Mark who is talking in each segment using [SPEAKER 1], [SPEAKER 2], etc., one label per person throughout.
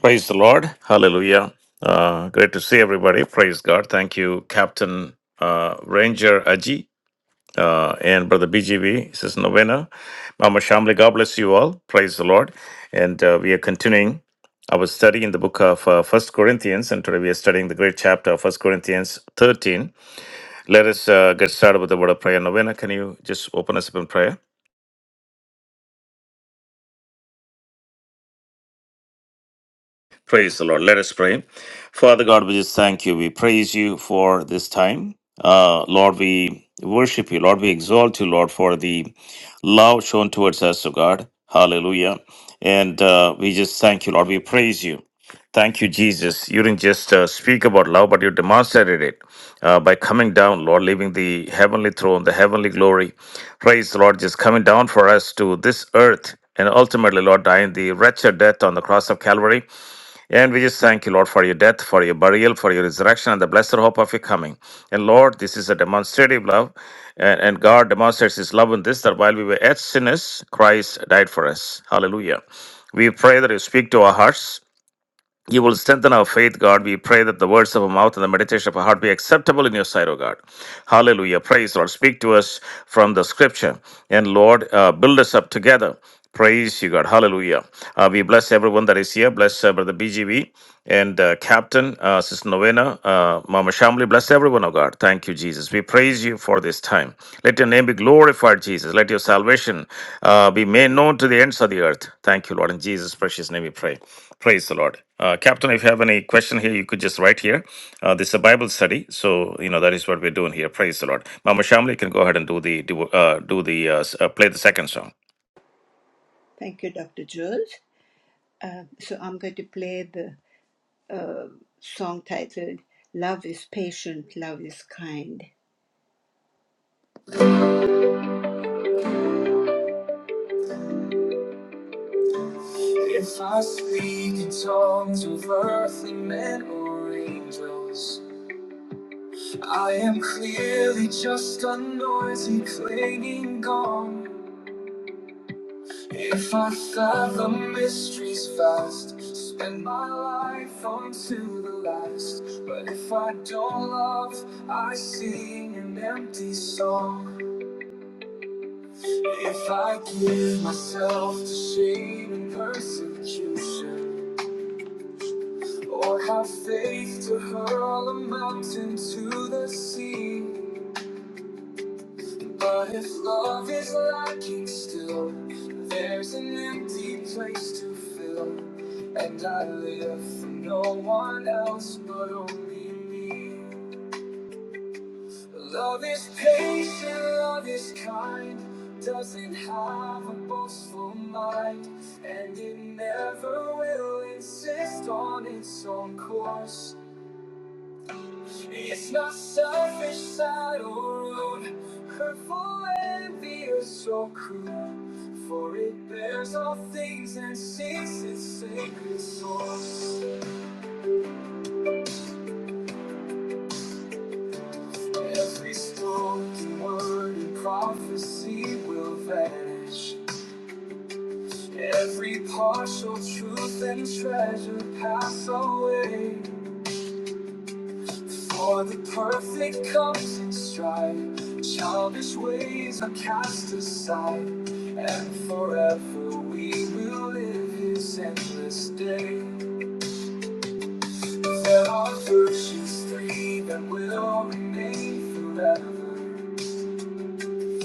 [SPEAKER 1] Praise the Lord. Hallelujah. Uh, great to see everybody. Praise God. Thank you, Captain uh, Ranger Aji uh, and Brother BGV. This is Novena. Mama Shamli, God bless you all. Praise the Lord. And uh, we are continuing our study in the book of uh, 1 Corinthians. And today we are studying the great chapter of First Corinthians 13. Let us uh, get started with the word of prayer. Novena, can you just open us up in prayer? Praise the Lord. Let us pray. Father God, we just thank you. We praise you for this time. Uh, Lord, we worship you. Lord, we exalt you, Lord, for the love shown towards us, O God. Hallelujah. And uh, we just thank you, Lord. We praise you. Thank you, Jesus. You didn't just uh, speak about love, but you demonstrated it uh, by coming down, Lord, leaving the heavenly throne, the heavenly glory. Praise the Lord, just coming down for us to this earth and ultimately, Lord, dying the wretched death on the cross of Calvary. And we just thank you, Lord, for your death, for your burial, for your resurrection, and the blessed hope of your coming. And Lord, this is a demonstrative love, and, and God demonstrates his love in this that while we were yet sinners, Christ died for us. Hallelujah. We pray that you speak to our hearts. You will strengthen our faith, God. We pray that the words of our mouth and the meditation of our heart be acceptable in your sight, O God. Hallelujah. Praise, Lord. Speak to us from the scripture. And Lord, uh, build us up together. Praise you, God. Hallelujah. Uh, we bless everyone that is here. Bless uh, Brother BGV and uh, Captain, uh, Sister Novena, uh, Mama Shamli. Bless everyone, O God. Thank you, Jesus. We praise you for this time. Let your name be glorified, Jesus. Let your salvation uh, be made known to the ends of the earth. Thank you, Lord. In Jesus' precious name we pray. Praise the Lord. Uh, Captain, if you have any question here, you could just write here. Uh, this is a Bible study, so you know that is what we're doing here. Praise the Lord. Mama Shamli, you can go ahead and do the do, uh, do the uh, s- uh, play the second song.
[SPEAKER 2] Thank you, Dr. Jules. Uh, so I'm going to play the song titled Love is Patient, Love is Kind. If I speak in tongues of earthly men or angels, I am clearly just a noisy clanging gong. If I fathom mysteries vast, spend my life unto the last. But if I don't love, I sing an empty song. If I give myself to shame and persecution, or have faith to hurl a mountain to the sea, but if love is lacking still, there's an empty place to fill, and I live for no one else but only me. Love is patient, love is kind, doesn't have a boastful mind, and it never will insist on its own course. It's not selfish, sad, or rude, hurtful, envious, or cruel, for it bears all things and seeks its sacred source. Every spoken word and prophecy will vanish. Every partial truth and treasure pass away. For the perfect comes in stride. Childish ways are cast aside. And forever we will live his endless day. There are virtues three that will remain forever.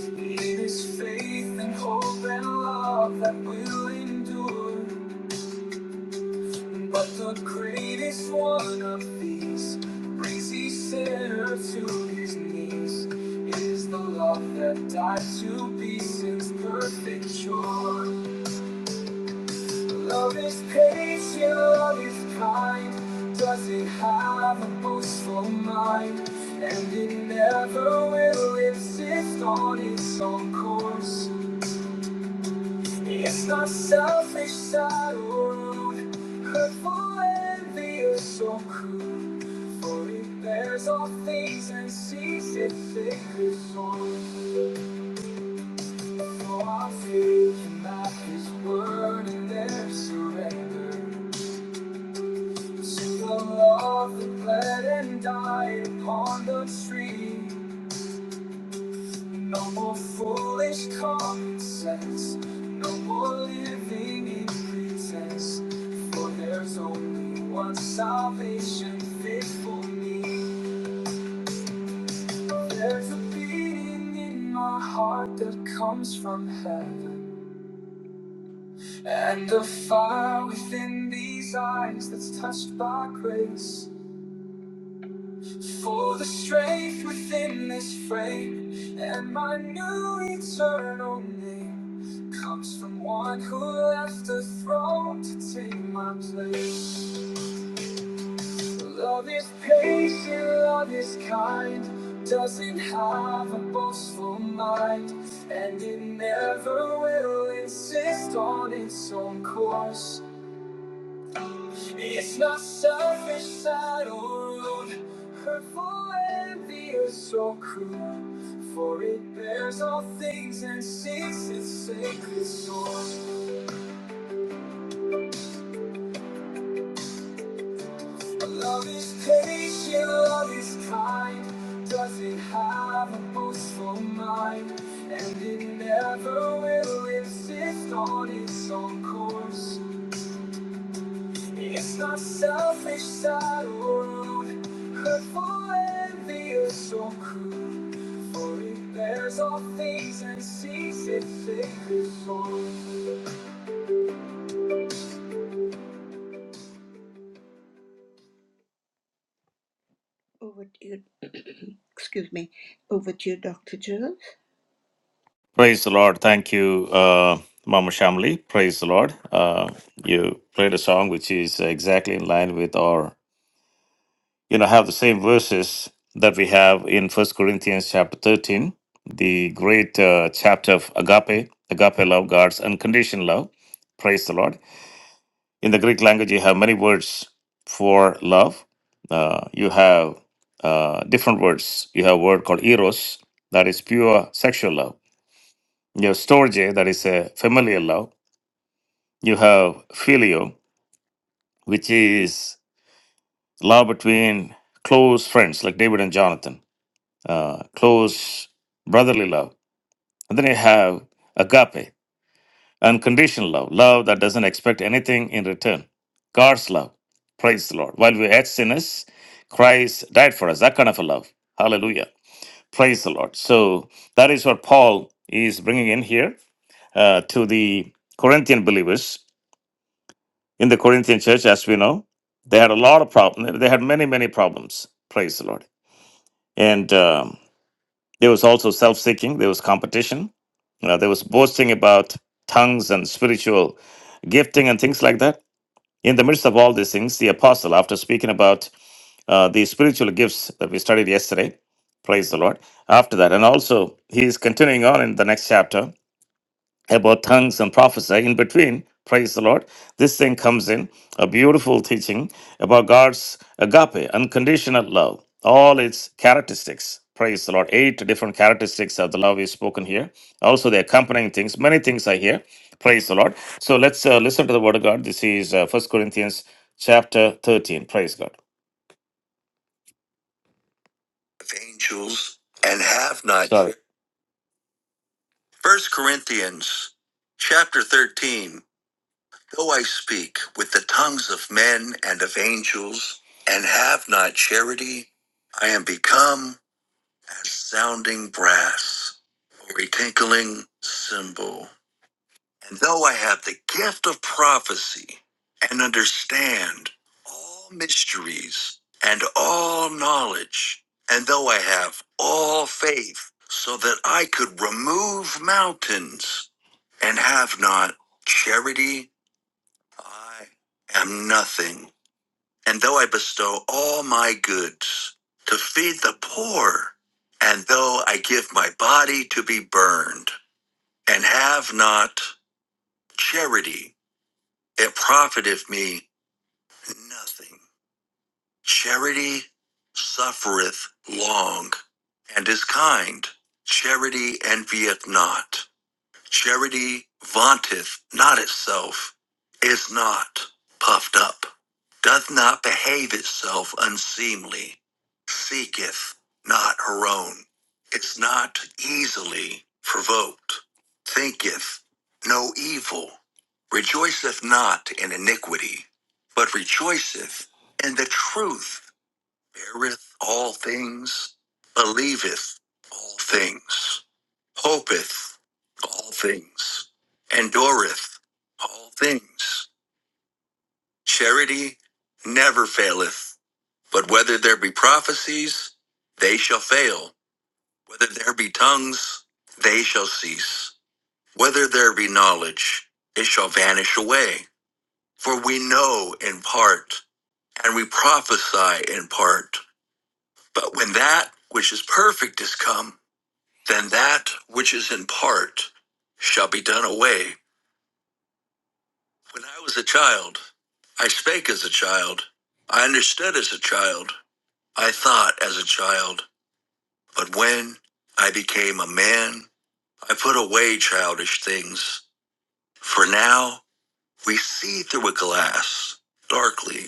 [SPEAKER 2] It is faith and hope and love that will endure. But the greatest one of these brings each sinner to his knees. It is the love that dies to be sin's perfect joy. Love is patient, love is kind, doesn't have a boastful mind, and it never will insist on its own course. It's not selfish side rude, hurtful envy or so cruel. For it bears all things and sees it fingers on. For our faith and not his word and their surrender. To the love that bled and died upon the tree. No more foolish common sense. No more living in pretense. For there's only one salvation fit for me. There's a beating in my heart that comes from heaven. And a fire within these eyes that's touched by grace. For the strength within this frame and my new eternal name comes from one who left the throne to take my place. Love is patient, love is kind, doesn't have a boastful mind, and it never will insist on its own course. It's not selfish at all, hurtful, envious, or cruel. For it bears all things and seeks its sacred source. Love is patient, love is kind, doesn't have a boastful mind, and it never will insist on its own course. It's not selfish, sad or rude, hurtful, envious or cruel. For it bears all things and sees its sacred song. Over to you, excuse me, over to you, Dr. Jones.
[SPEAKER 1] Praise the Lord. Thank you, uh, Mama Shamli. Praise the Lord. Uh, you played a song which is exactly in line with our you know have the same verses that we have in First Corinthians chapter thirteen, the great uh, chapter of agape, agape love, God's unconditional love. Praise the Lord In the Greek language, you have many words for love. Uh, you have uh, different words. You have a word called eros, that is pure sexual love. You have storge, that is a familial love. You have filio, which is love between close friends like David and Jonathan, uh, close brotherly love. And then you have agape, Unconditional love, love that doesn't expect anything in return. God's love. Praise the Lord. While we had sinners, Christ died for us. That kind of a love. Hallelujah. Praise the Lord. So that is what Paul is bringing in here uh, to the Corinthian believers. In the Corinthian church, as we know, they had a lot of problems. They had many, many problems. Praise the Lord. And um, there was also self seeking, there was competition, you know, there was boasting about tongues and spiritual gifting and things like that In the midst of all these things, the apostle, after speaking about uh, the spiritual gifts that we studied yesterday, praise the Lord, after that, and also he is continuing on in the next chapter about tongues and prophecy. in between. Praise the Lord. This thing comes in a beautiful teaching about God's agape, unconditional love, all its characteristics. Praise the Lord. Eight different characteristics of the love is spoken here. Also, the accompanying things, many things are here. Praise the Lord. So let's uh, listen to the word of God. This is uh, 1 Corinthians chapter 13. Praise God. Of angels and have not. Sorry. 1 Corinthians chapter 13. Though I speak with the tongues of men and of angels, and have not charity, I am become as sounding brass or a tinkling cymbal. And though I have the gift of prophecy and understand all mysteries and all knowledge, and though I have all faith so that I could remove mountains and have not charity, I am nothing, and though I bestow all my goods to feed the poor, and though I give my body to be burned, and have not charity, it profiteth me nothing. Charity suffereth long, and is kind. Charity envieth not. Charity vaunteth not itself, is not puffed up, doth not behave itself unseemly, seeketh not her own, is not easily provoked, thinketh no evil, rejoiceth not in iniquity, but rejoiceth in the truth, beareth all things, believeth all things hopeth all things, endureth all things. Charity never faileth, but whether there be prophecies, they shall fail. Whether there be tongues, they shall cease. Whether there be knowledge, it shall vanish away. For we know in part, and we prophesy in part. But when that which is perfect is come, then that which is in part shall be done away. When I was a child, I spake as a child, I understood as a child, I thought as a child. But when I became a man, I put away childish things. For now we see through a glass, darkly,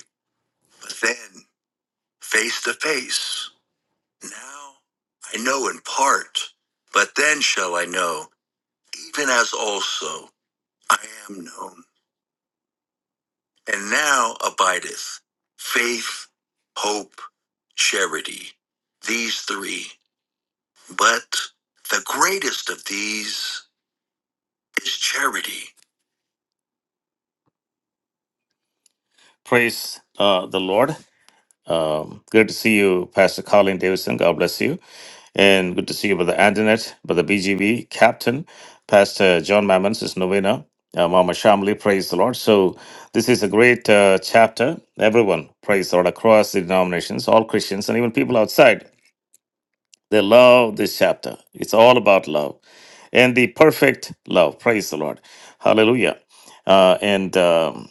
[SPEAKER 1] but then face to face. Now I know in part, but then shall I know, even as also I am known. And now abideth faith, hope, charity, these three. But the greatest of these is charity. Praise uh, the Lord. Um, good to see you, Pastor Colin Davidson. God bless you. And good to see you, Brother Antoinette, Brother BGB, Captain, Pastor John Mammons is Novena, uh, Mama Shamli. Praise the Lord. So, this is a great uh, chapter. Everyone, praise the Lord, across the denominations, all Christians, and even people outside They love this chapter. It's all about love and the perfect love. Praise the Lord. Hallelujah. Uh, and um,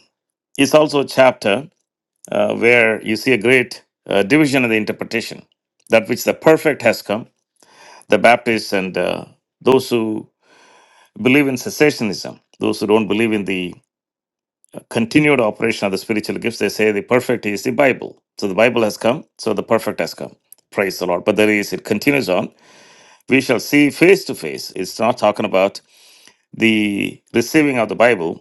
[SPEAKER 1] it's also a chapter uh, where you see a great uh, division in the interpretation that which the perfect has come, the Baptists and uh, those who believe in cessationism, those who don't believe in the continued operation of the spiritual gifts, they say the perfect is the Bible. So the Bible has come, so the perfect has come. Praise the Lord. But there is, it continues on. We shall see face to face. It's not talking about the receiving of the Bible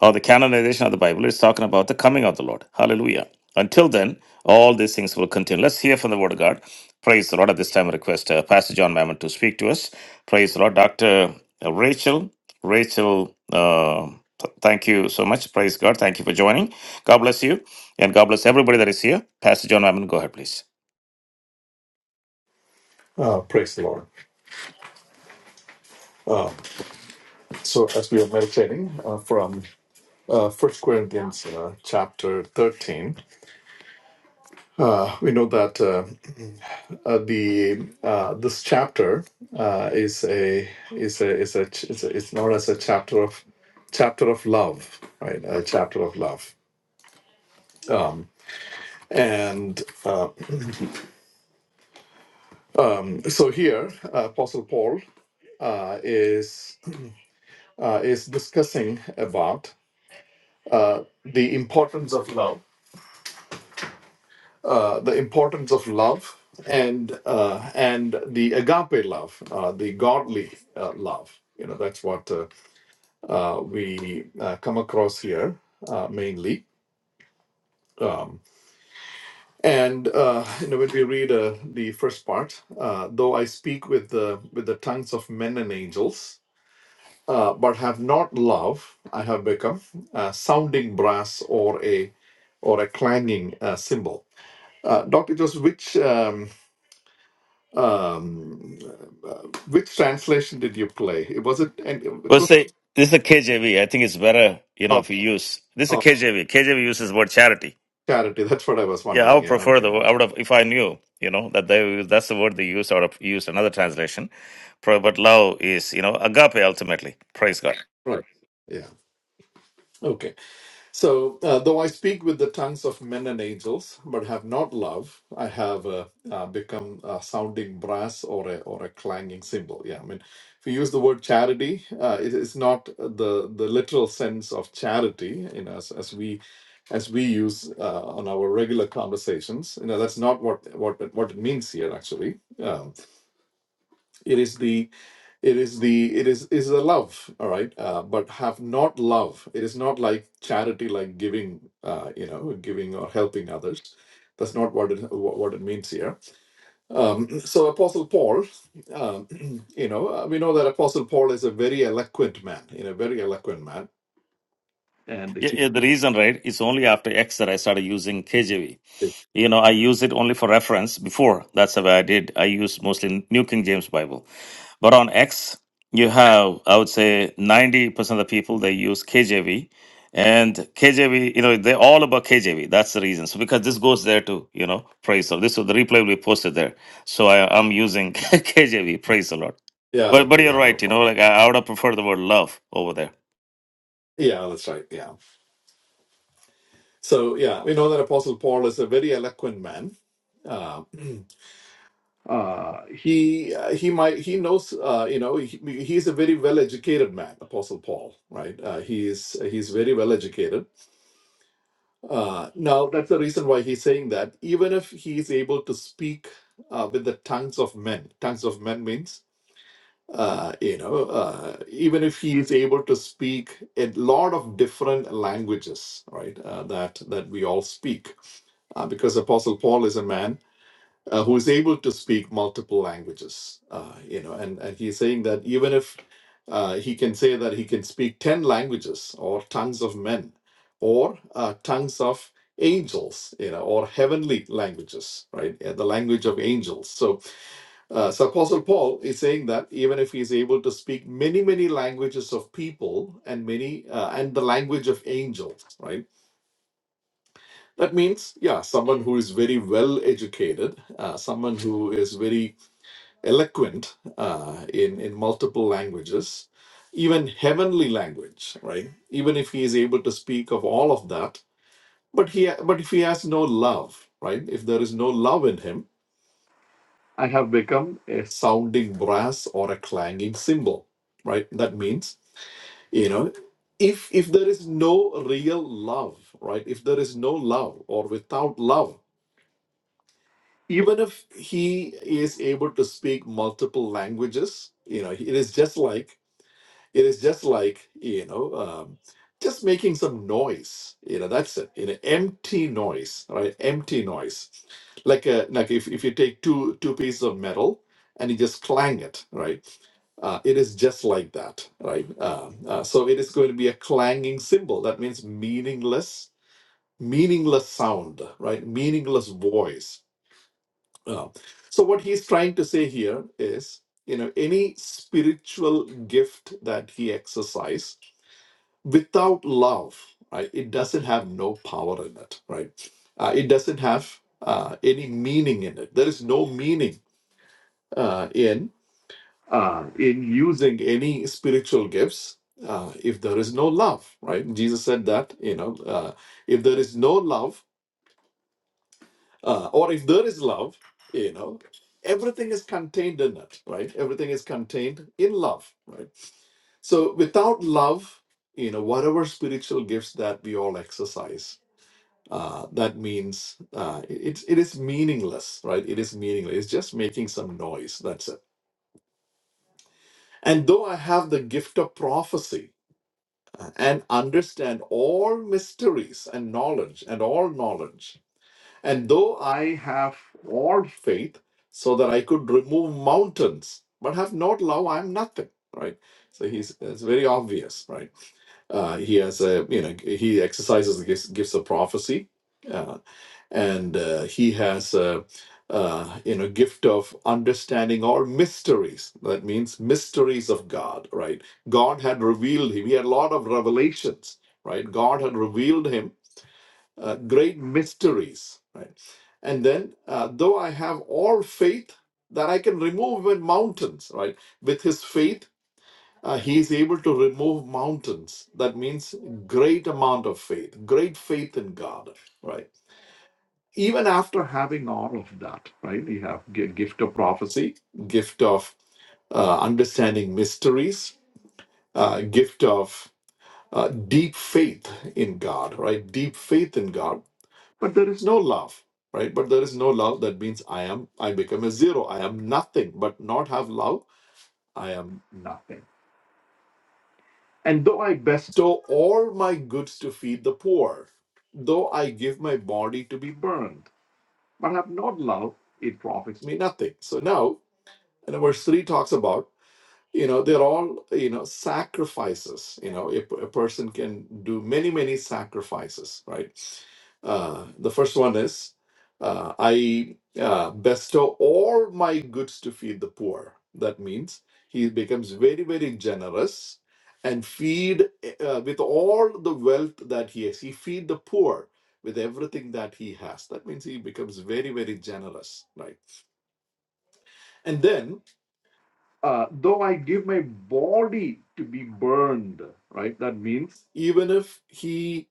[SPEAKER 1] or the canonization of the Bible. It's talking about the coming of the Lord. Hallelujah. Until then, all these things will continue. Let's hear from the Word of God. Praise the Lord. At this time, I request uh, Pastor John Mammon to speak to us. Praise the Lord. Dr. Rachel. Rachel, uh, th- thank you so much. Praise God. Thank you for joining. God bless you. And God bless everybody that is here. Pastor John Mammon, go ahead, please.
[SPEAKER 3] Uh, praise the Lord. So, as we are meditating uh, from uh, 1 Corinthians uh, chapter 13, uh, we know that uh, uh, the uh, this chapter uh, is a is a is a ch- is a, is known as a chapter of chapter of love, right? A chapter of love, and uh, so here uh, Apostle Paul uh, is uh, is discussing about uh, the importance of love uh, the importance of love and uh, and the agape love, uh, the godly uh, love. You know, that's what uh, uh, we uh, come across here uh, mainly. Um, and uh, you know, when we read uh, the first part, uh, though I speak with the with the tongues of men and angels, uh, but have not love, I have become a sounding brass or a or a clanging uh, cymbal. Uh, Dr. Joseph, which um, Um, uh, which translation did you play? It was it, and it
[SPEAKER 1] Well,
[SPEAKER 3] was
[SPEAKER 1] say this is a KJV. I think it's better, you know,
[SPEAKER 3] oh,
[SPEAKER 1] if you use this is a
[SPEAKER 3] oh,
[SPEAKER 1] KJV. KJV uses the word charity.
[SPEAKER 3] charity. That's what I was
[SPEAKER 1] Yeah, I
[SPEAKER 3] wondering.
[SPEAKER 1] would
[SPEAKER 3] Yeah.
[SPEAKER 1] prefer the.
[SPEAKER 3] Okay. All
[SPEAKER 1] I would
[SPEAKER 3] right.
[SPEAKER 1] have if I knew, you know, that they that's the word they use. I would have used another translation. Pro- But love is, you know, agape ultimately. Praise God.
[SPEAKER 3] Right. Yeah. Okay. So, uh, though I speak with the tongues of men and angels, but have not love, I have uh, uh, become a sounding brass or a, or a clanging cymbal. Yeah, I mean, if you use the word charity, uh, it is not the the literal sense of charity, you know, as, as we as we use uh, on our regular conversations. You know, that's not what what what it means here. Actually, um, it is the it is the it is is a love all right uh, but have not love it is not like charity like giving uh, you know giving or helping others that's not what it wha- what it means here um, so apostle paul um, you know uh, we know that apostle paul is a very eloquent man you know very eloquent man and
[SPEAKER 1] Yeah, yeah, the reason, right? It's only after X that I started using KJV.
[SPEAKER 3] it's-
[SPEAKER 1] you know i use it only for reference before that's the way i did i use mostly new king james bible but on x you
[SPEAKER 3] yeah
[SPEAKER 1] have i would say 90% of the people they use kjv and kjv you know they're all about kjv that's the reason so because this goes there too you know praise the lord this so the replay will be posted there so I, i'm using kjv praise the lord
[SPEAKER 3] yeah
[SPEAKER 1] but, but
[SPEAKER 3] okay
[SPEAKER 1] you're
[SPEAKER 3] yeah no
[SPEAKER 1] right you know
[SPEAKER 3] problem
[SPEAKER 1] like
[SPEAKER 3] yeah,
[SPEAKER 1] i, I would have preferred the word love over there
[SPEAKER 3] yeah that's right yeah so yeah we know that apostle paul is a very eloquent man Uh, uh he uh, he might he knows uh you know he, he's a very well educated man apostle paul right uh, he is he's very well educated uh now that's the reason why he's saying that even if he is able to speak uh, with the tongues of men tongues of men means uh you know uh even if he is able to speak a lot of different languages right uh, that that we all speak uh, because apostle paul is a man uh, who is able to speak multiple languages. Uh, you know, and, and he's saying that even if uh, he can say that he can speak 10 languages or tongues of men or uh, tongues of angels, you know, or heavenly languages, right? Yeah, the language of angels. So, uh, so Apostle Paul is saying that even if he's able to speak many, many languages of people and many, uh, and the language of angels, right? That means, yeah, someone who is very well educated, uh, someone who is very eloquent uh, in in multiple languages, even heavenly language, right? Even if he is able to speak of all of that, but he but if he has no love, right? If there is no love in him, I have become a sounding brass or a clanging cymbal, right? That means you know. If, if there is no real love, right? If there is no love or without love, even if he is able to speak multiple languages, you know, it is just like it is just like you know um, just making some noise you know that's it you know empty noise right empty noise like a like if, if you take two two pieces of metal and you just clang it right uh, it is just like that right um, uh, so it is going to be a clanging symbol that means meaningless meaningless sound right meaningless voice Uh, so what he's trying to say here is you know any spiritual gift that he exercised without love right it doesn't have no power in it right uh, it doesn't have uh, any meaning in it there is no meaning uh, in uh, in using any spiritual gifts uh, if there is no love right jesus said that you know uh, if there is no love uh, or if there is love you know everything is contained in it right everything is contained in love right so without love you know whatever spiritual gifts that we all exercise uh, that means uh, it, it's- meaningless, right? It is meaningless. It's just making some noise. That's it. And though I have the gift of prophecy uh, and understand all mysteries and knowledge and all knowledge, and though I have all faith so that I could remove mountains, but have not love, I'm nothing, right? So he's it's very obvious, right? Uh, he has a you know he exercises the gifts, gifts of prophecy uh, and uh, he has a uh, you know gift of understanding all mysteries that means mysteries of god right god had revealed him he had a lot of revelations right god had revealed him uh, great mysteries right and then uh, though i have all faith that i can remove even mountains right with his faith uh, he is able to remove mountains that means great amount of faith great faith in god right even after having all of that, right? We have g- gift of prophecy, gift of uh, understanding mysteries, uh, gift of uh, deep faith in God, right? Deep faith in God, but there is no love, right? But there is no love. That means I am, I become a zero. I am nothing. But not have love, I am nothing. And though I bestow all my goods to feed the poor, though I give my body to be burned, but have not love, it profits me nothing. So now and verse 3 talks about you know they're all you know sacrifices you know if a person can do many many sacrifices right uh, the first one is uh, i uh, bestow all my goods to feed the poor that means he becomes very very generous and feed uh, with all the wealth that he has he feed the poor with everything that he has that means he becomes very very generous right and then uh, though I give my body to be burned, right? That means even if he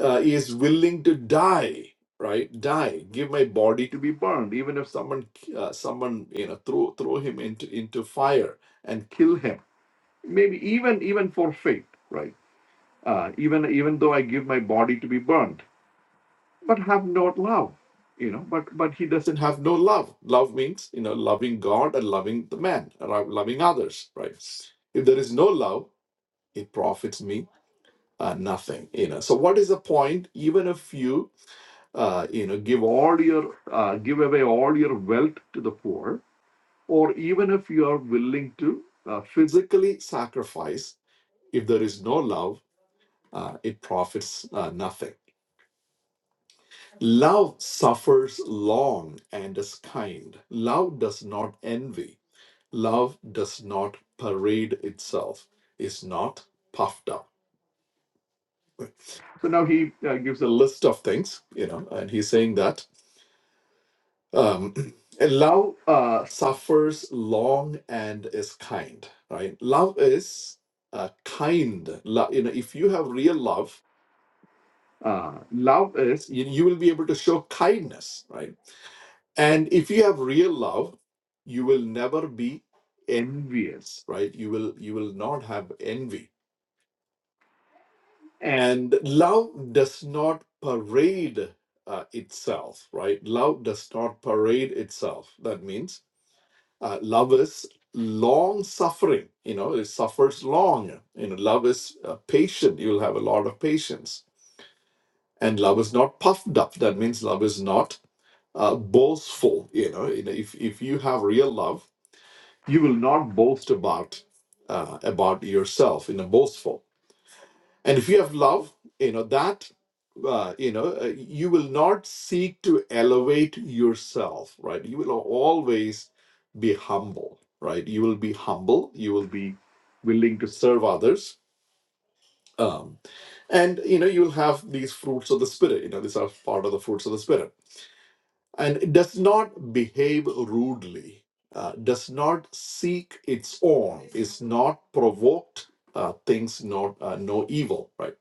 [SPEAKER 3] uh, is willing to die, right? Die, give my body to be burned. Even if someone, uh, someone, you know, throw throw him into into fire and kill him. Maybe even even for faith, right? Uh, even even though I give my body to be burned but have not love you know but but he doesn't have no love love means you know loving god and loving the man lo- loving others right if there is no love it profits me uh, nothing you know so what is the point even if you uh, you know give all your uh, give away all your wealth to the poor or even if you are willing to uh, physically sacrifice if there is no love uh, it profits uh, nothing Love suffers long and is kind. Love does not envy. Love does not parade itself, is not puffed up. So now he uh, gives a list of things, you know, and he's saying that um, and love uh, suffers long and is kind, right? Love is uh, kind. Love, you know, if you have real love, uh, love is you, you will be able to show kindness, right? And if you have real love, you will never be envious, right? You will you will not have envy. And love does not parade uh, itself, right? Love does not parade itself. That means uh, love is long suffering. You know, it suffers long. You know, love is uh, patient. You'll have a lot of patience. And love is not puffed up. That means love is not uh, boastful. You know, You know, if if you have real love you will not boast about uh, about yourself in a boastful and if you have love you know that uh, you know uh, you will not seek to elevate yourself right you will always be humble right you will be humble you will be willing to serve others um, and you know you'll have these fruits of the spirit you know these are part of the fruits of the spirit and does not behave rudely, uh, does not seek its own, is not provoked, uh, things not uh, no evil, right?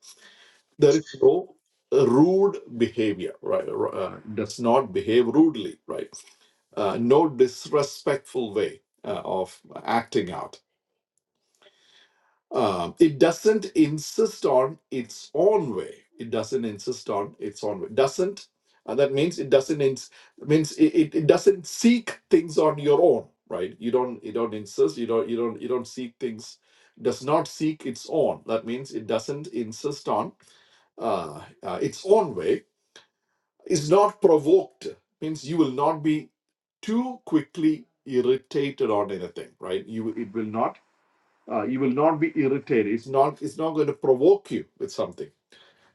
[SPEAKER 3] There is no rude behavior, right? Uh, does not behave rudely, right? Uh, no disrespectful way uh, of acting out um, it doesn't insist on its own way. It doesn't insist on its own way. Doesn't uh, that means it doesn't ins- means it, it, it doesn't seek things on your own, right? You don't you don't insist. You don't you don't you don't seek things. Does not seek its own. That means it doesn't insist on uh, uh, its own way. Is not provoked. Means you will not be too quickly irritated on anything, right? You it will not uh, you will not be irritated. It's not. It's not going to provoke you with something.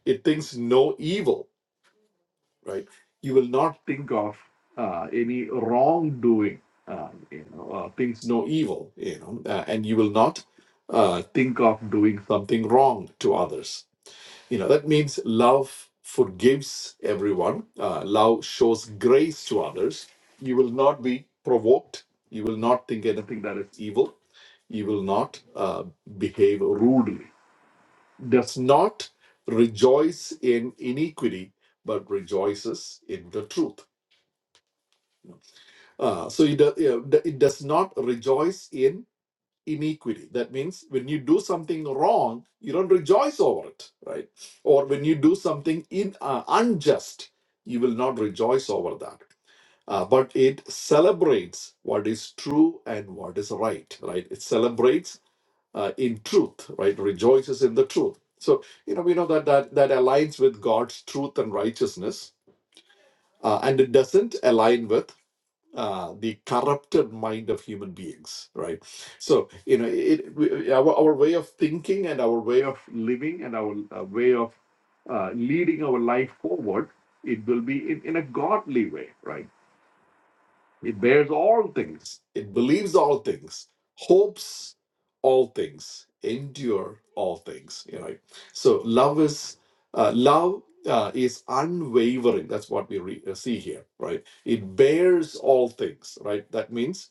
[SPEAKER 3] It thinks no evil, right? You will not think of uh, any wrongdoing. Uh, you know, uh, thinks no evil. You know, uh, and you will not uh, think of doing something wrong to others you know, that means love forgives everyone, uh, love shows grace to others. You will not be provoked, you will not think anything that is evil, you will not uh, behave rudely. Does not rejoice in iniquity, but rejoices in the truth. Uh, so it, do- yeah, it does not rejoice in iniquity. That means when you do something wrong, you don't rejoice over it, right? Or when you do something in, uh, unjust, you will not rejoice over that. Uh, but it celebrates what is true and what is right, right? It celebrates uh, in truth, right? Rejoices in the truth. So you know we know that that that aligns with God's truth and righteousness, uh, and it doesn't align with uh, the corrupted mind of human beings, right? So you know, it we, our our way of thinking and our way of living and our uh, way of uh, leading our life forward, it will be in, in a godly way, right? It bears all things. It believes all things, hopes all things, endure all things. You know, right? so love is uh, love uh, is unwavering. That's what we re- uh, see here, right? It bears all things, right? That means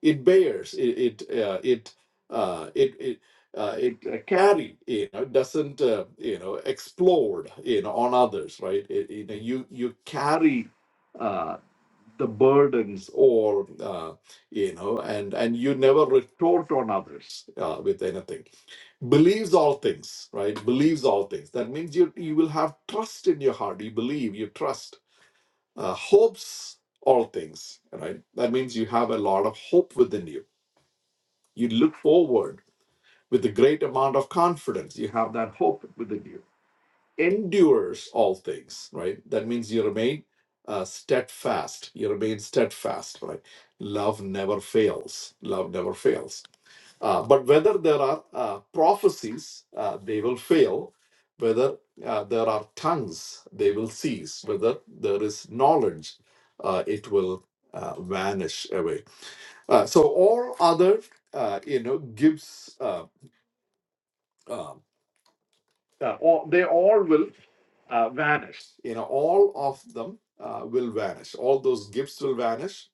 [SPEAKER 3] it bears it it uh, it, uh, it it. Uh, it uh, carry you know doesn't uh, you know explode you know on others right it, you know you you carry uh, the burdens or uh, you know and and you never retort on others uh, with anything believes all things right believes all things that means you you will have trust in your heart you believe you trust uh, hopes all things right that means you have a lot of hope within you you look forward with a great amount of confidence you have that hope within you endures all things, right? That means you remain uh, steadfast. You remain steadfast, right? Love never fails. Love never fails. Uh, but whether there are uh, prophecies, uh, they will fail. Whether uh, there are tongues, they will cease. Whether there is knowledge, uh, it will uh, vanish away. Uh, so all other, uh, you know, gives. Uh, uh, uh, all, they all will uh, vanish. You know, all of them uh, will vanish. All those gifts will vanish.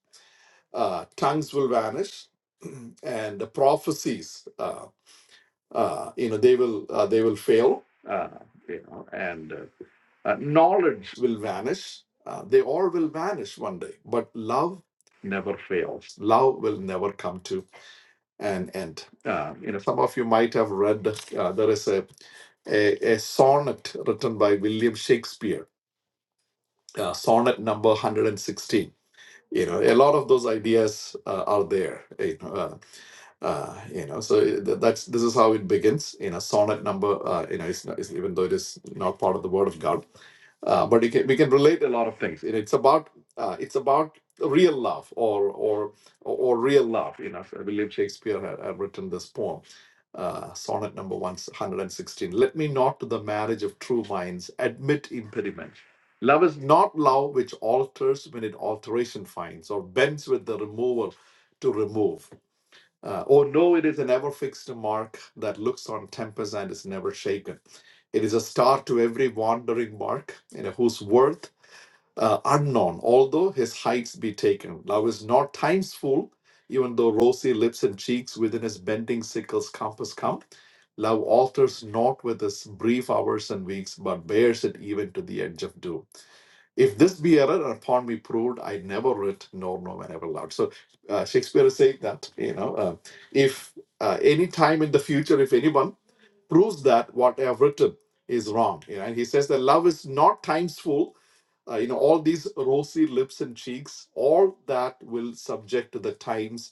[SPEAKER 3] Uh, tongues will vanish, and the prophecies, uh, uh, you know, they will uh, they will fail. Uh, you know, and uh, uh, knowledge will vanish. Uh, they all will vanish one day, but love never fails. Love will never come to and and uh, you know some of you might have read uh, there is a, a a sonnet written by William Shakespeare, uh, sonnet number 116. You know, a lot of those ideas uh, are there. You know, uh, uh, you know, so eh, th- that's this is how it begins. You know, sonnet number. Uh, you know, it's, not, it's even though it is not part of the Word of God, uh, but it can, we can relate a lot of things. You know, it's about uh, it's about real love or or or real love. You know, I believe Shakespeare had, had written this poem, uh, sonnet number one hundred and sixteen. Let me not to the marriage of true minds admit impediment. Love is not love which alters when it alteration finds, or bends with the remover to remove. Uh, oh no, it is an ever fixed mark that looks on tempest and is never shaken. It is a star to every wandering mark, and whose worth uh, unknown, although his heights be taken. Love is not time's fool, even though rosy lips and cheeks within his bending sickle's compass come. Love alters not with his brief hours and weeks, but bears it even to the edge of doom. If this be error upon me proved, I never writ nor no man ever loved. So uh, Shakespeare is saying that you know uh, if uh, any time in the future, if anyone proves that what I have written is wrong, you know, and he says that love is not time's fool. Uh, you know, all these rosy lips and cheeks, all that will subject to the times,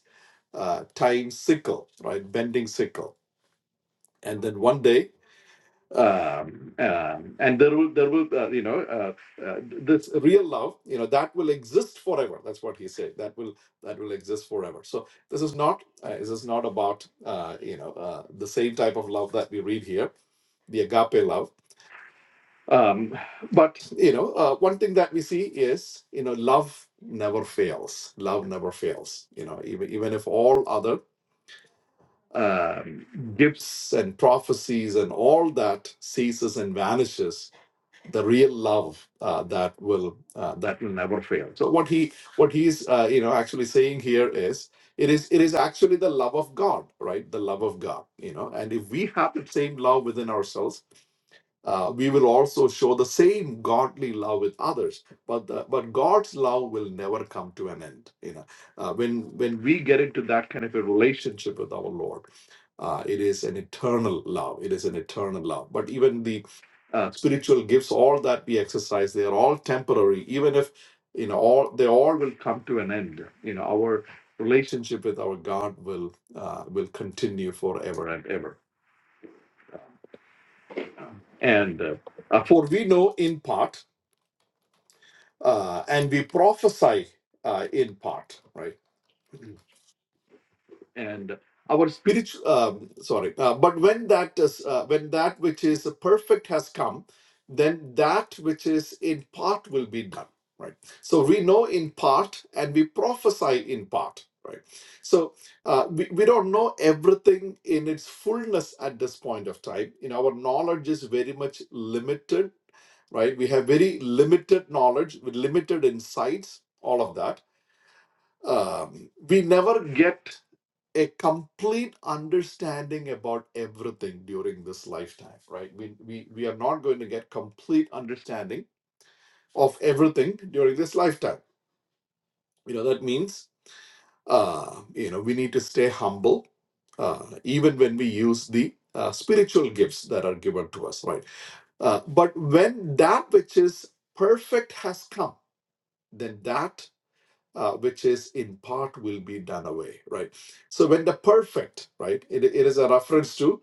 [SPEAKER 3] uh, time's sickle, right? Bending sickle. And then one day um, um, and there will there will uh, you know uh, uh, this real love you know that will exist forever that's what he said that will that will exist forever so this is not uh, this is not about uh, you know uh, the same type of love that we read here the agape love um, but you know uh, one thing that we see is you know love never fails love never fails you know even even if all other um, gifts and prophecies and all that ceases and vanishes the real love uh, that will uh, that will never fail. So what he what he's uh, you know actually saying here is it is it is actually the love of God, right? The love of God, you know. And if we have the same love within ourselves, uh, we will also show the same godly love with others. But the, but God's love will never come to an end, you know. Uh, when when we get into that kind of a relationship with our Lord uh, it is an eternal love. It is an eternal love. But even the uh, spiritual gifts, all that we exercise, they are all temporary. Even if you know, all they all will come to an end. You know, our relationship with our God will uh, will continue forever and ever. And uh, uh, for we know in part, uh, and we prophesy uh, in part. Right and our spiritual um, sorry uh, but when that is uh, when that which is perfect has come then that which is in part will be done right so we know in part and we prophesy in part right so uh, we, we don't know everything in its fullness at this point of time you know our knowledge is very much limited right we have very limited knowledge with limited insights all of that um, we never get a complete understanding about everything during this lifetime right we, we we are not going to get complete understanding of everything during this lifetime you know that means uh you know we need to stay humble uh even when we use the uh, spiritual gifts that are given to us right uh, but when that which is perfect has come then that uh, which is in part will be done away right so when the perfect right it, it is a reference to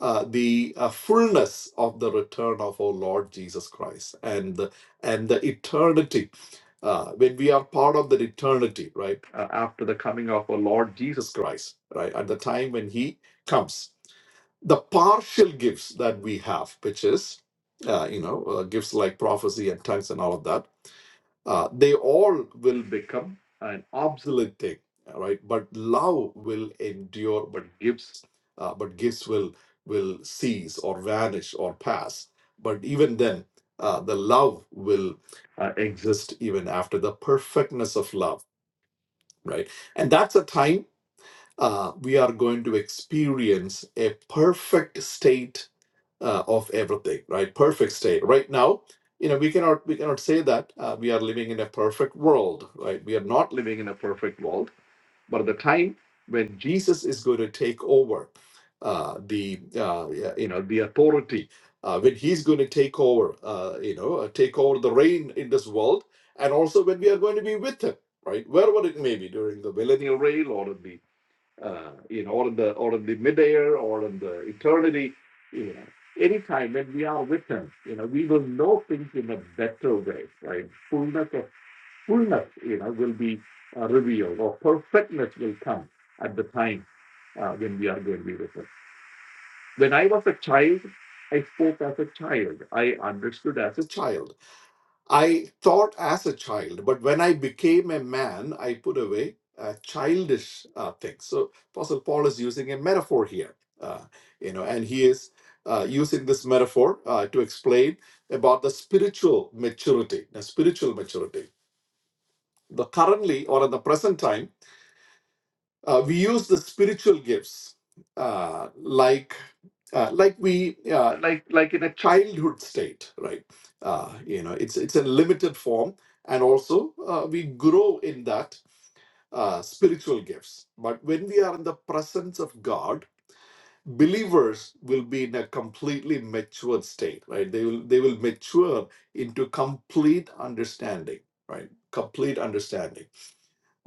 [SPEAKER 3] uh, the uh, fullness of the return of our Lord Jesus Christ and the, and the eternity. Uh, when we are part of that eternity, right, uh, after the coming of our Lord Jesus Christ, right, at the time when He comes, the partial gifts that we have, which is, uh, you know, uh, gifts like prophecy and tongues and all of that, uh, they all will become an obsolete thing right? but love will endure but gifts uh, but gifts will will cease or vanish or pass but even then uh, the love will uh, exist even after the perfectness of love right and that's a time uh, we are going to experience a perfect state uh, of everything right perfect state right now you know we cannot we cannot say that uh, we are living in a perfect world right we are not living in a perfect world but at the time when jesus is going to take over uh, the uh, yeah, you know the authority uh, when he's going to take over uh, you know uh, take over the reign in this world and also when we are going to be with him right wherever it may be during the millennial reign or the uh, you know, or in the or in the midair or in the eternity, you know, anytime when we are with him, you know, we will know things in a better way, right? Fullness of fullness, you know, will be uh, revealed, or perfectness will come at the time uh, when we are going to be with him. When I was a child, I spoke as a child. I understood as a child I thought as a child, but when I became a man, I put away uh, childish uh, things. So Apostle Paul is using a metaphor here, uh, you know, and he is uh, using this metaphor uh, to explain about the spiritual maturity, the spiritual maturity. The currently or in the present time uh, we use the spiritual gifts uh, like uh, like we uh, like like in a childhood state, right? Uh, you know, it's it's a limited form, and also uh, we grow in that uh, spiritual gifts. But when we are in the presence of God, believers will be in a completely matured state, right? They will they will mature into complete understanding, right? Complete understanding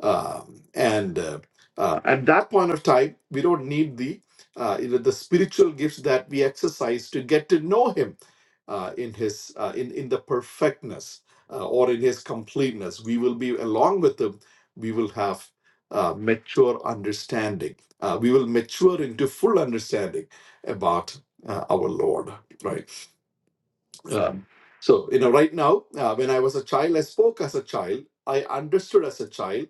[SPEAKER 3] um, and uh, uh, at that point of time, we don't need the uh, you know, the spiritual gifts that we exercise to get to know Him uh, in His uh, in in the perfectness uh, or in His completeness. We will be along with Him. We will have uh, mature understanding. Uh, we will mature into full understanding about uh, our Lord, right? Um, so, you know, right now, uh, when I was a child, I spoke as a child, I understood as a child,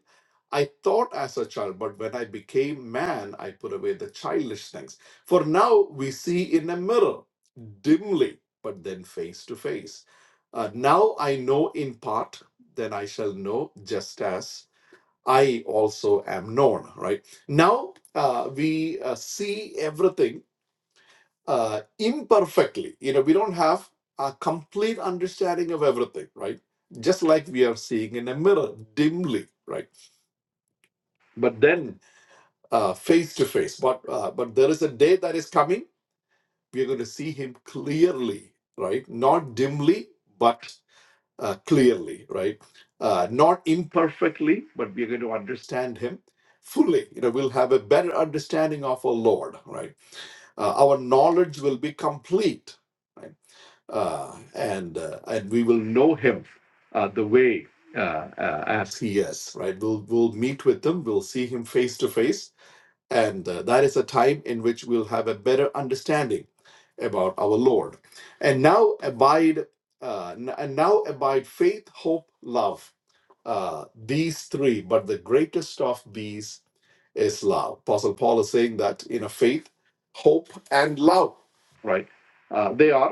[SPEAKER 3] I thought as a child, but when I became man, I put away the childish things. For now, we see in a mirror, dimly, but then face to face. Uh, now I know in part, then I shall know just as I also am known, right? Now uh, we uh, see everything uh, imperfectly. You know, we don't have a complete understanding of everything, right? Just like we are seeing in a mirror dimly, right? But then uh, face to face. But uh, but there is a day that is coming. We are going to see Him clearly, right? Not dimly, but uh, clearly, right? Uh, not imperfectly, but we are going to understand Him fully. You know, we'll have a better understanding of our Lord, right? Uh, our knowledge will be complete right? uh, and uh, and we will know him uh, the way uh, uh, as he is. Right? We'll we'll meet with him. We'll see him face to face, and uh, that is a time in which we'll have a better understanding about our Lord. And now abide, uh, n- and now abide faith, hope, love. Uh, these three, but the greatest of these is love. Apostle Paul is saying that you know faith, hope, and love. Right? Uh, they are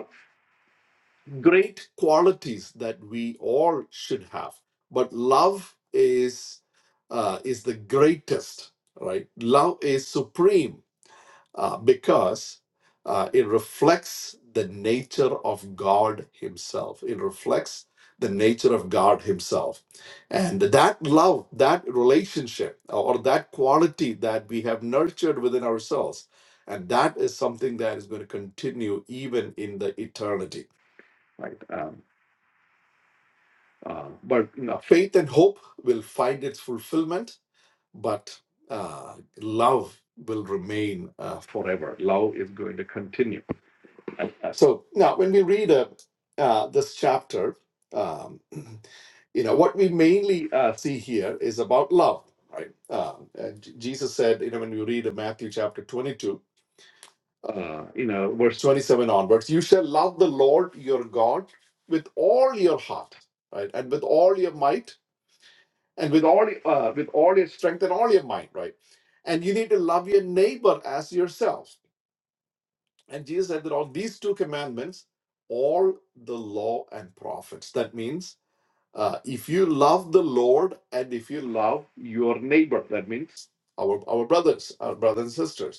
[SPEAKER 3] great qualities that we all should have but love is uh, is the greatest right love is supreme uh, because uh, it reflects the nature of god himself it reflects the nature of god himself and that love that relationship or that quality that we have nurtured within ourselves and that is something that is going to continue even in the eternity right Um, uh, but you know, faith and hope will find its fulfillment, but uh, love will remain uh, forever. Love is going to continue. And, Uh, So now, when we read uh, uh, this chapter, um, you know what we mainly uh, see here is about love, right? Uh, and J- Jesus said, you know, when we read uh, Matthew chapter twenty-two, uh, you know, verse twenty-seven onwards, you shall love the Lord your God with all your heart, right, and with all your might and with all uh, with all your strength and all your mind, right? And you need to love your neighbor as yourself. And Jesus said that on these two commandments, all the law and prophets. That means uh, if you love the Lord and if you love your neighbor, that means our our brothers, our brothers and sisters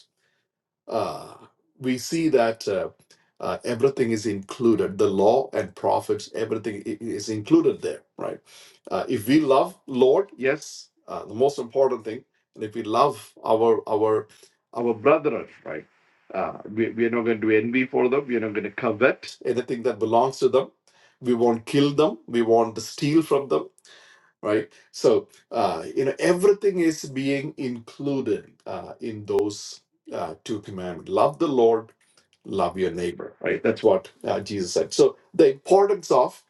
[SPEAKER 3] uh, we see that uh, uh, everything is included the law and prophets everything i- i- is included there right uh, if we love lord yes uh, the most important thing and if we love our our our right uh, we, we are not going to envy for them we are not going to covet anything that belongs to them we won't kill them we won't steal from them right? So uh, you know everything is being included uh, in those uh, two commandments: love the Lord, love your neighbor. Right? That's what uh, Jesus said. So the importance of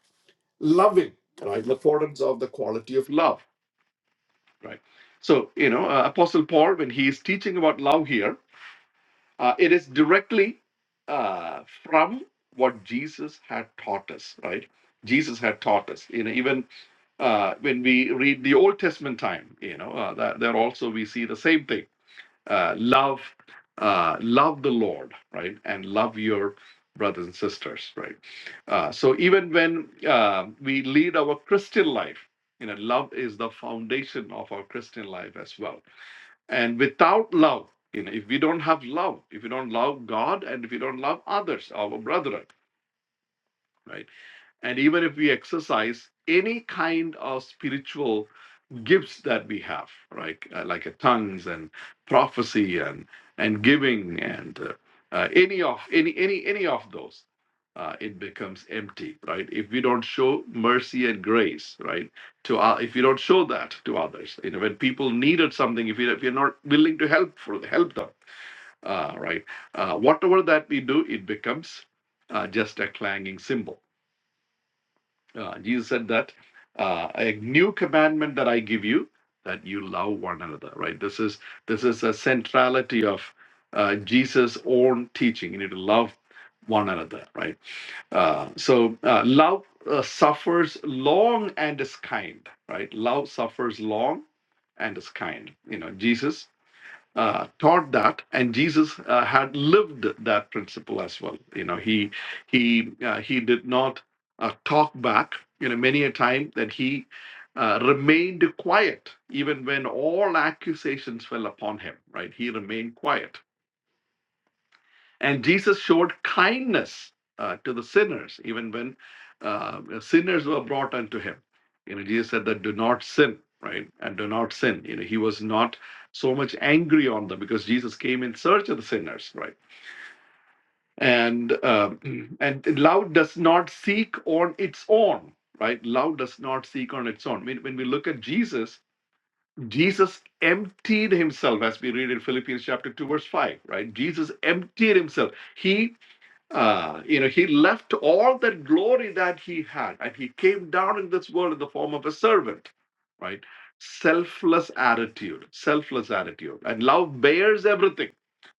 [SPEAKER 3] loving, right? The importance of the quality of love, right? So you know, uh, Apostle Paul, when he is teaching about love here, uh, it is directly uh, from what Jesus had taught us, right? Jesus had taught us. You know, even uh, when we read the Old Testament time, you know, uh, that, there also we see the same thing: uh, love, uh, love the Lord, right, and love your brothers and sisters, right. Uh, so even when uh, we lead our Christian life, you know, love is the foundation of our Christian life as well. And without love, you know, if we don't have love, if we don't love God, and if we don't love others, our brethren, right, and even if we exercise any kind of spiritual gifts that we have, right? Uh, like uh, tongues and prophecy and and giving and uh, uh, any of any any any of those, uh, it becomes empty, right? If we don't show mercy and grace, right? To uh, if you don't show that to others, you know, when people needed something, if you if you're not willing to help for help them, uh, right? Uh, whatever that we do, it becomes uh, just a clanging cymbal uh, Jesus said that uh, a new commandment that I give you that you love one another. Right. This is this is a centrality of uh, Jesus' own teaching. You need to love one another. Right. Uh, so uh, love uh, suffers long and is kind. Right. Love suffers long and is kind. You know, Jesus uh, taught that, and Jesus uh, had lived that principle as well. You know, he he uh, he did not uh, talk back. You know, many a time that he uh, remained quiet, even when all accusations fell upon him. Right, he remained quiet and Jesus showed kindness uh, to the sinners, even when uh, sinners were brought unto him. You know, Jesus said that do not sin, right? And do not sin. You know, he was not so much angry on them because Jesus came in search of the sinners, right? And um, and love does not seek on its own, right? Love does not seek on its own. When, when we look at Jesus, Jesus emptied himself, as we read in Philippians chapter two, verse five, right? Jesus emptied himself. He uh, you know, he left all that glory that he had and he came down in this world in the form of a servant, right? Selfless attitude, selfless attitude. And love bears everything,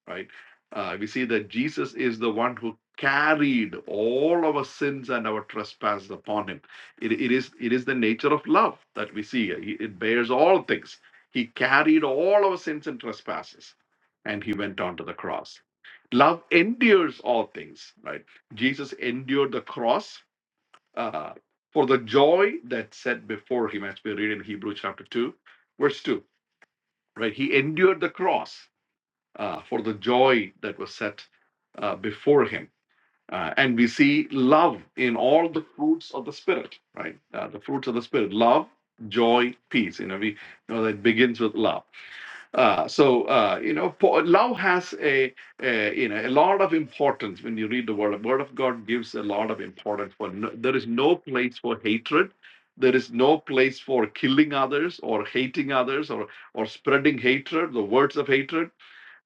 [SPEAKER 3] right? Uh, we see that Jesus is the one who carried all our sins and our trespasses upon him. It, it, is, it is the nature of love that we see. It it bears all things. He carried all our sins and trespasses and he went on to the cross love endures all things right jesus endured the cross uh, for the joy that's set before him as we read in Hebrews chapter 2 verse 2 right he endured the cross uh, for the joy that was set uh, before him uh, and we see love in all the fruits of the spirit right uh, the fruits of the spirit love joy peace you know we know that begins with love uh, so uh, you know, po- love has a, a you know a lot of importance when you read the word. The word of God gives a lot of importance for. No, there is no place for hatred. There is no place for killing others or hating others or or spreading hatred, the words of hatred.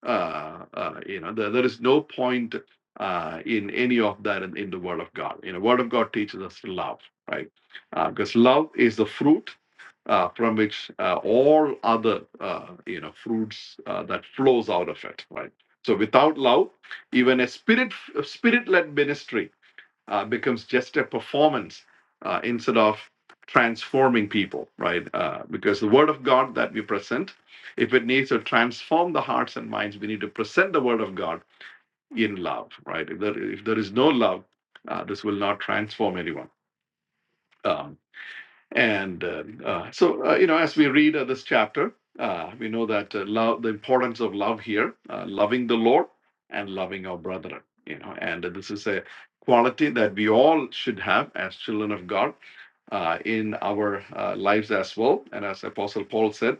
[SPEAKER 3] Uh, uh, you know, there, there is no point uh, in any of that in, in the word of God. You know, word of God teaches us love, right? Uh, because love is the fruit uh, from which uh, all other uh, you know fruits uh, that flows out of it right so without love even a spirit spirit led ministry uh, becomes just a performance uh, instead of transforming people right uh, because the word of god that we present if it needs to transform the hearts and minds we need to present the word of god in love right if there, if there is no love uh, this will not transform anyone Um, and uh, uh, so, uh, you know, as we read uh, this chapter, uh, we know that uh, love, the importance of love here, uh, loving the Lord and loving our brethren, you know, and this is a quality that all should have as children of God uh, in our uh, lives as well. And as Apostle Paul said,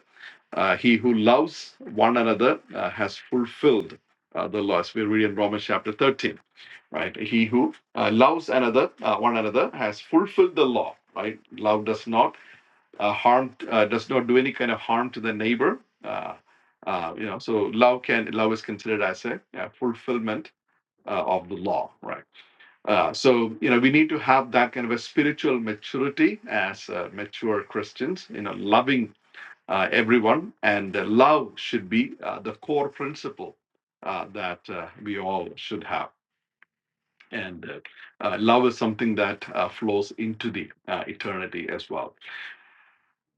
[SPEAKER 3] uh, he who loves one another uh, has fulfilled uh, the law, as we read in Romans chapter 13, right? He who uh, loves another, uh, one another, has fulfilled the law, right? Love does not uh, harm uh, does not do any kind of harm to the neighbor. Uh, uh, you know, so love can love is considered as a uh, fulfillment uh, of the law, right? Uh, so you know, we need to have that kind of a spiritual maturity as uh, mature Christians. You know, loving uh, everyone, and uh, love should be uh, the core principle uh, that uh, we all should have. And uh, uh, love is something that uh, flows into the uh, eternity as well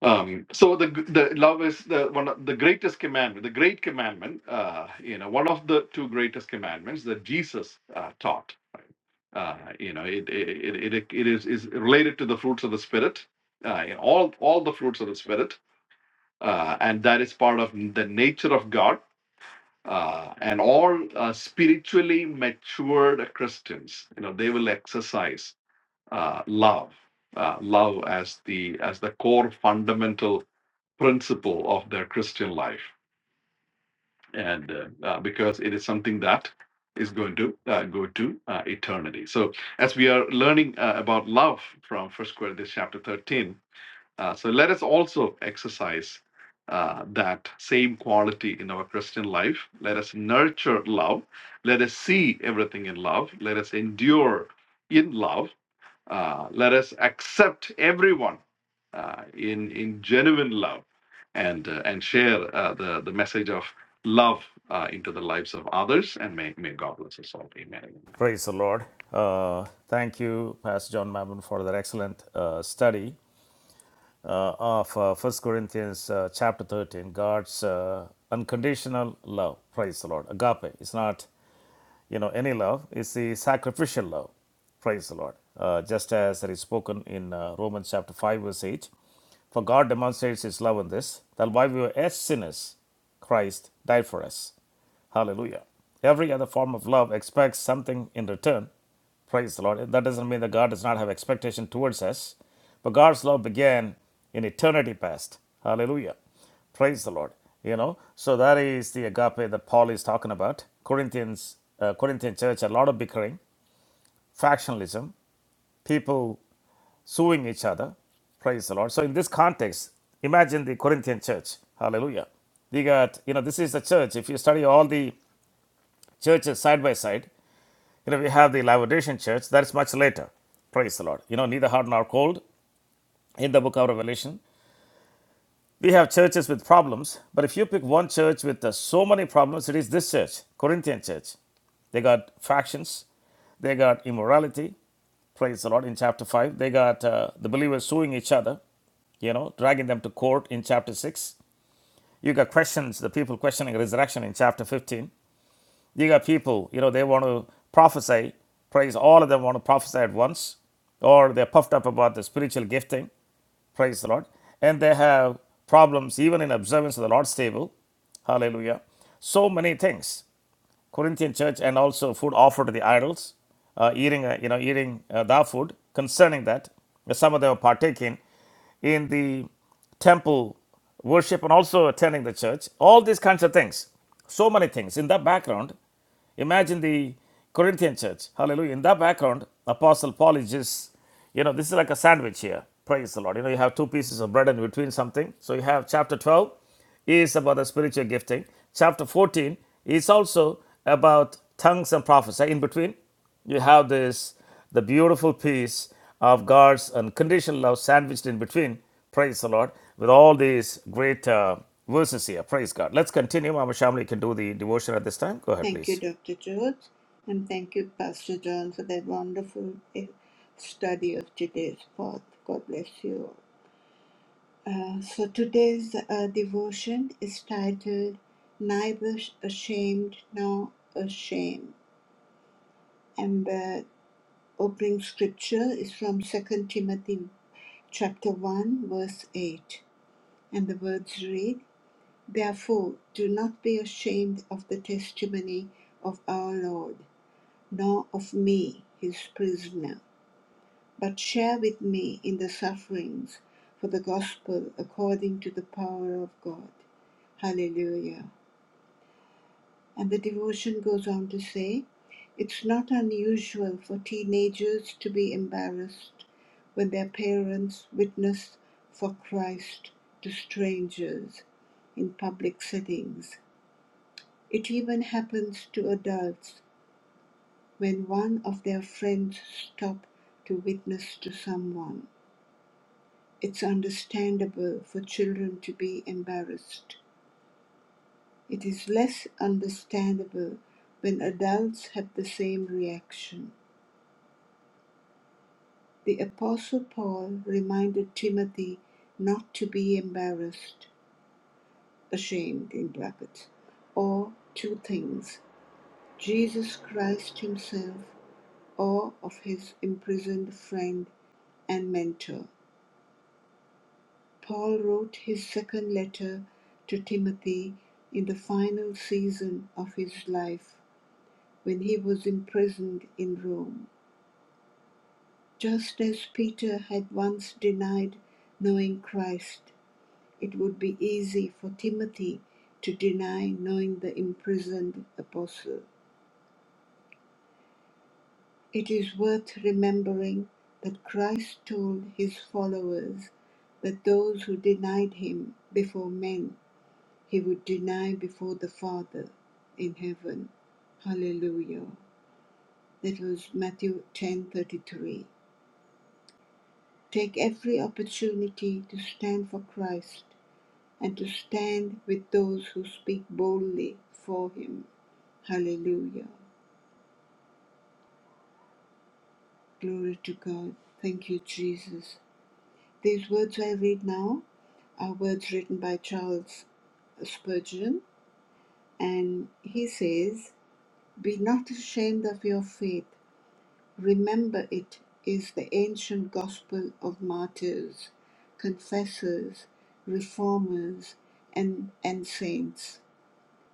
[SPEAKER 3] Um, so the the love is the one of the greatest commandment, the great commandment. Uh, you know, one of the two greatest commandments that Jesus uh, taught. Uh, you know, it it, it it it is is related to the fruits of the spirit, uh, you know, all all the fruits of the spirit, uh, and that is part of the nature of God. Uh, and all uh, spiritually matured Christians, you know, they will exercise uh, love, uh, love as the as the core fundamental principle of their Christian life, and uh, uh, because it is something that is going to uh, go to uh, eternity. So, as we are uh, above from First Corinthians chapter thirteen, uh, so let us also exercise uh, that same quality in our Christian life. Let us nurture love. Let us see everything in love. Let us endure in love. Uh, let us accept everyone uh, in in genuine love and uh, and share uh, the the message of love uh, into the lives of others. And may may God bless us all. Amen.
[SPEAKER 1] Praise the Lord. Uh, thank you, Pastor John Mammon, for that excellent uh, study. uh, of uh, 1 Corinthians uh, chapter 13, God's uh, unconditional love. Praise the Lord. Agape. It's not, you know, any love. It's the sacrificial love. Praise the Lord. Uh, just as it is spoken in uh, Romans chapter 5 verse 8. For God demonstrates his love in this, that while we were yet sinners, Christ died for us. Hallelujah. Every other form of love expects something in return. Praise the Lord. That doesn't mean that God does not have expectation towards us, but God's love began in eternity past. Hallelujah. Praise the Lord. You know, so that is the agape that Paul is talking about. Corinthians, uh, Corinthian church, a lot of bickering, factionalism, people suing each other. Praise the Lord. So in this context, imagine the Corinthian church. Hallelujah. They got, you know, this is the church. If you study all the churches side by side. You know, we have the Laodicean church, that's much later. Praise the Lord. You know, neither hot nor cold in the book of Revelation. We have churches with problems, but if you pick one church with uh, so many problems, it is this church, Corinthian church. They got factions, they got immorality. Praise the Lord in chapter 5. They got uh, the believers suing each other you know, dragging them to court in chapter 6. You got questions, the people questioning resurrection in chapter 15. You got people, you know, they want to prophesy, praise all of them want to prophesy at once, or they're puffed up about the spiritual gifting, praise the Lord, and they have problems even in observance of the Lord's table, hallelujah. So many things. Corinthian church and also food offered to the idols, uh, eating, uh, you know, eating uh, that food. Concerning that, some of them are partaking in the temple worship and also attending the church. All these kinds of things. So many things. In that background, Imagine the Corinthian church. Hallelujah. In that background, Apostle Paul is just, you know, this is like a sandwich here. Praise the Lord. You know, you have two pieces of bread in between something. So you have chapter 12 is about the spiritual gifting. Chapter 14 is also about tongues and prophecy in between you have this the beautiful piece of God's unconditional love sandwiched in between. Praise the Lord with all these great uh, verses here. Praise God. Let's continue. Mama Shamli can do the devotion at this time. Go ahead,
[SPEAKER 2] Thank you,
[SPEAKER 1] please.
[SPEAKER 2] Dr. Jones, and thank you, Pastor John, for that wonderful eh, study of today's part. God bless you. all. Uh, so today's uh, devotion is titled Neither Ashamed Nor Ashamed. And the opening scripture is from Second Timothy chapter 1 verse 8. And the words read, Therefore do not be ashamed of the testimony of our Lord, nor of me, his prisoner but share with me in the sufferings for the gospel according to the power of God. Hallelujah. And the devotion goes on to say, it's not unusual for teenagers to be embarrassed when their parents witness for Christ to strangers in public settings. It even happens to adults when one of their friends stop to witness to someone. It's understandable for children to be embarrassed. It is less understandable when adults have the same reaction. The Apostle Paul reminded Timothy not to be embarrassed, ashamed in brackets, or two things Jesus Christ Himself or of His imprisoned friend and mentor. Paul wrote his second letter to Timothy in the final season of his life when he was imprisoned in Rome. Just as Peter had once denied knowing Christ, it would be easy for Timothy to deny knowing the imprisoned apostle. It is worth remembering that Christ told his followers that those who denied him before men He would deny before the Father in heaven. Hallelujah. That was Matthew 10:33. Take every opportunity to stand for Christ and to stand with those who speak boldly for him. Hallelujah. Glory to God. Thank you, Jesus. These words I read now are words written by Charles Spurgeon, and he says, Be not ashamed of your faith, Remember it is the ancient gospel of martyrs, confessors, reformers, and, and saints.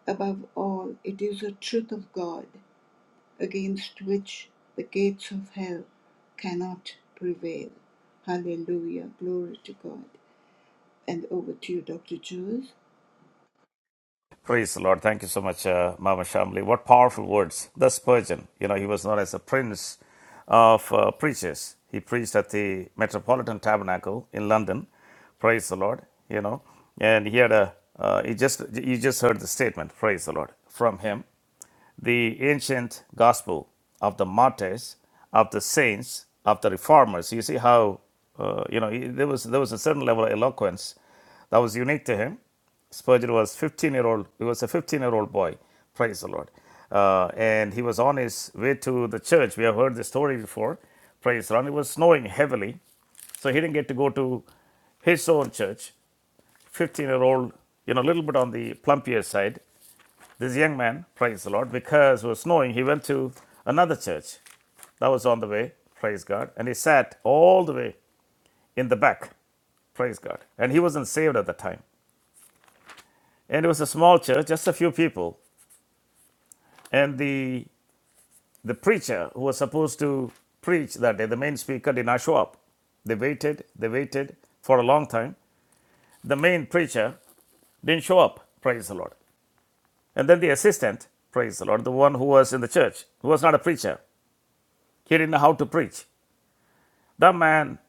[SPEAKER 2] Above all, it is a truth of God against which the gates of hell cannot prevail. Hallelujah. Glory to God. And over to you, Dr. Jules.
[SPEAKER 1] Praise the Lord. Thank you so much, uh, Mama Shamli. What powerful words. The Spurgeon, you know, he was known as a prince of uh, preachers. He preached at the Metropolitan Tabernacle in London. Praise the Lord, you know. And he had a, uh, he just, you just heard the statement, praise the Lord, from him the ancient gospel of the martyrs, of the saints, of the reformers. You see how uh, you know there was there was a certain level of eloquence that was unique to him. Spurgeon was 15 year old. He was a 15 year old boy. Praise the Lord. Uh, and he was on his way to the church. We have heard the story before. Praise the Lord. It was snowing heavily, so he didn't get to go to his own church. 15 year old, you know, a little bit on the plumpier side this young man, praise the Lord, because it was snowing, he went to another church that was on the way, praise God, and he sat all the way in the back, praise God. And he wasn't saved at the time. And it was a small church, just a few people. And the the preacher who was supposed to preach that day, the main speaker did not show up. They waited, they waited for a long time. The main preacher didn't show up, praise the Lord. And then the assistant, praise the Lord, the one who was in the church, who was not a preacher, he didn't know how to preach. The man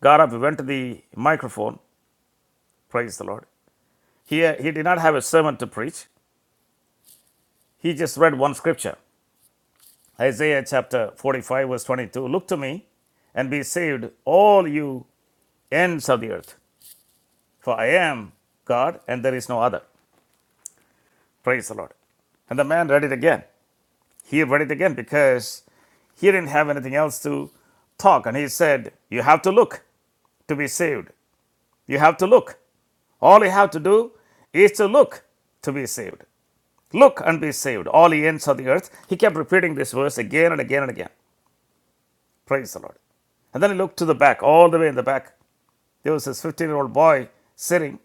[SPEAKER 1] got up, went to the microphone. Praise the Lord. Here, he did not have a sermon to preach. He just read one scripture Isaiah chapter 45, verse 22. Look to me and be saved, all you ends of the earth, for I am God and there is no other. Praise the Lord. And the man read it again. He read it again because he didn't have anything else to talk. And he said, You have to look to be saved. You have to look. All you have to do is to look to be saved. Look and be saved, all ye ends of the earth. He kept repeating this verse again and again and again. Praise the Lord. And then he looked to the back, all the way in the back. There was this 15 year old boy sitting,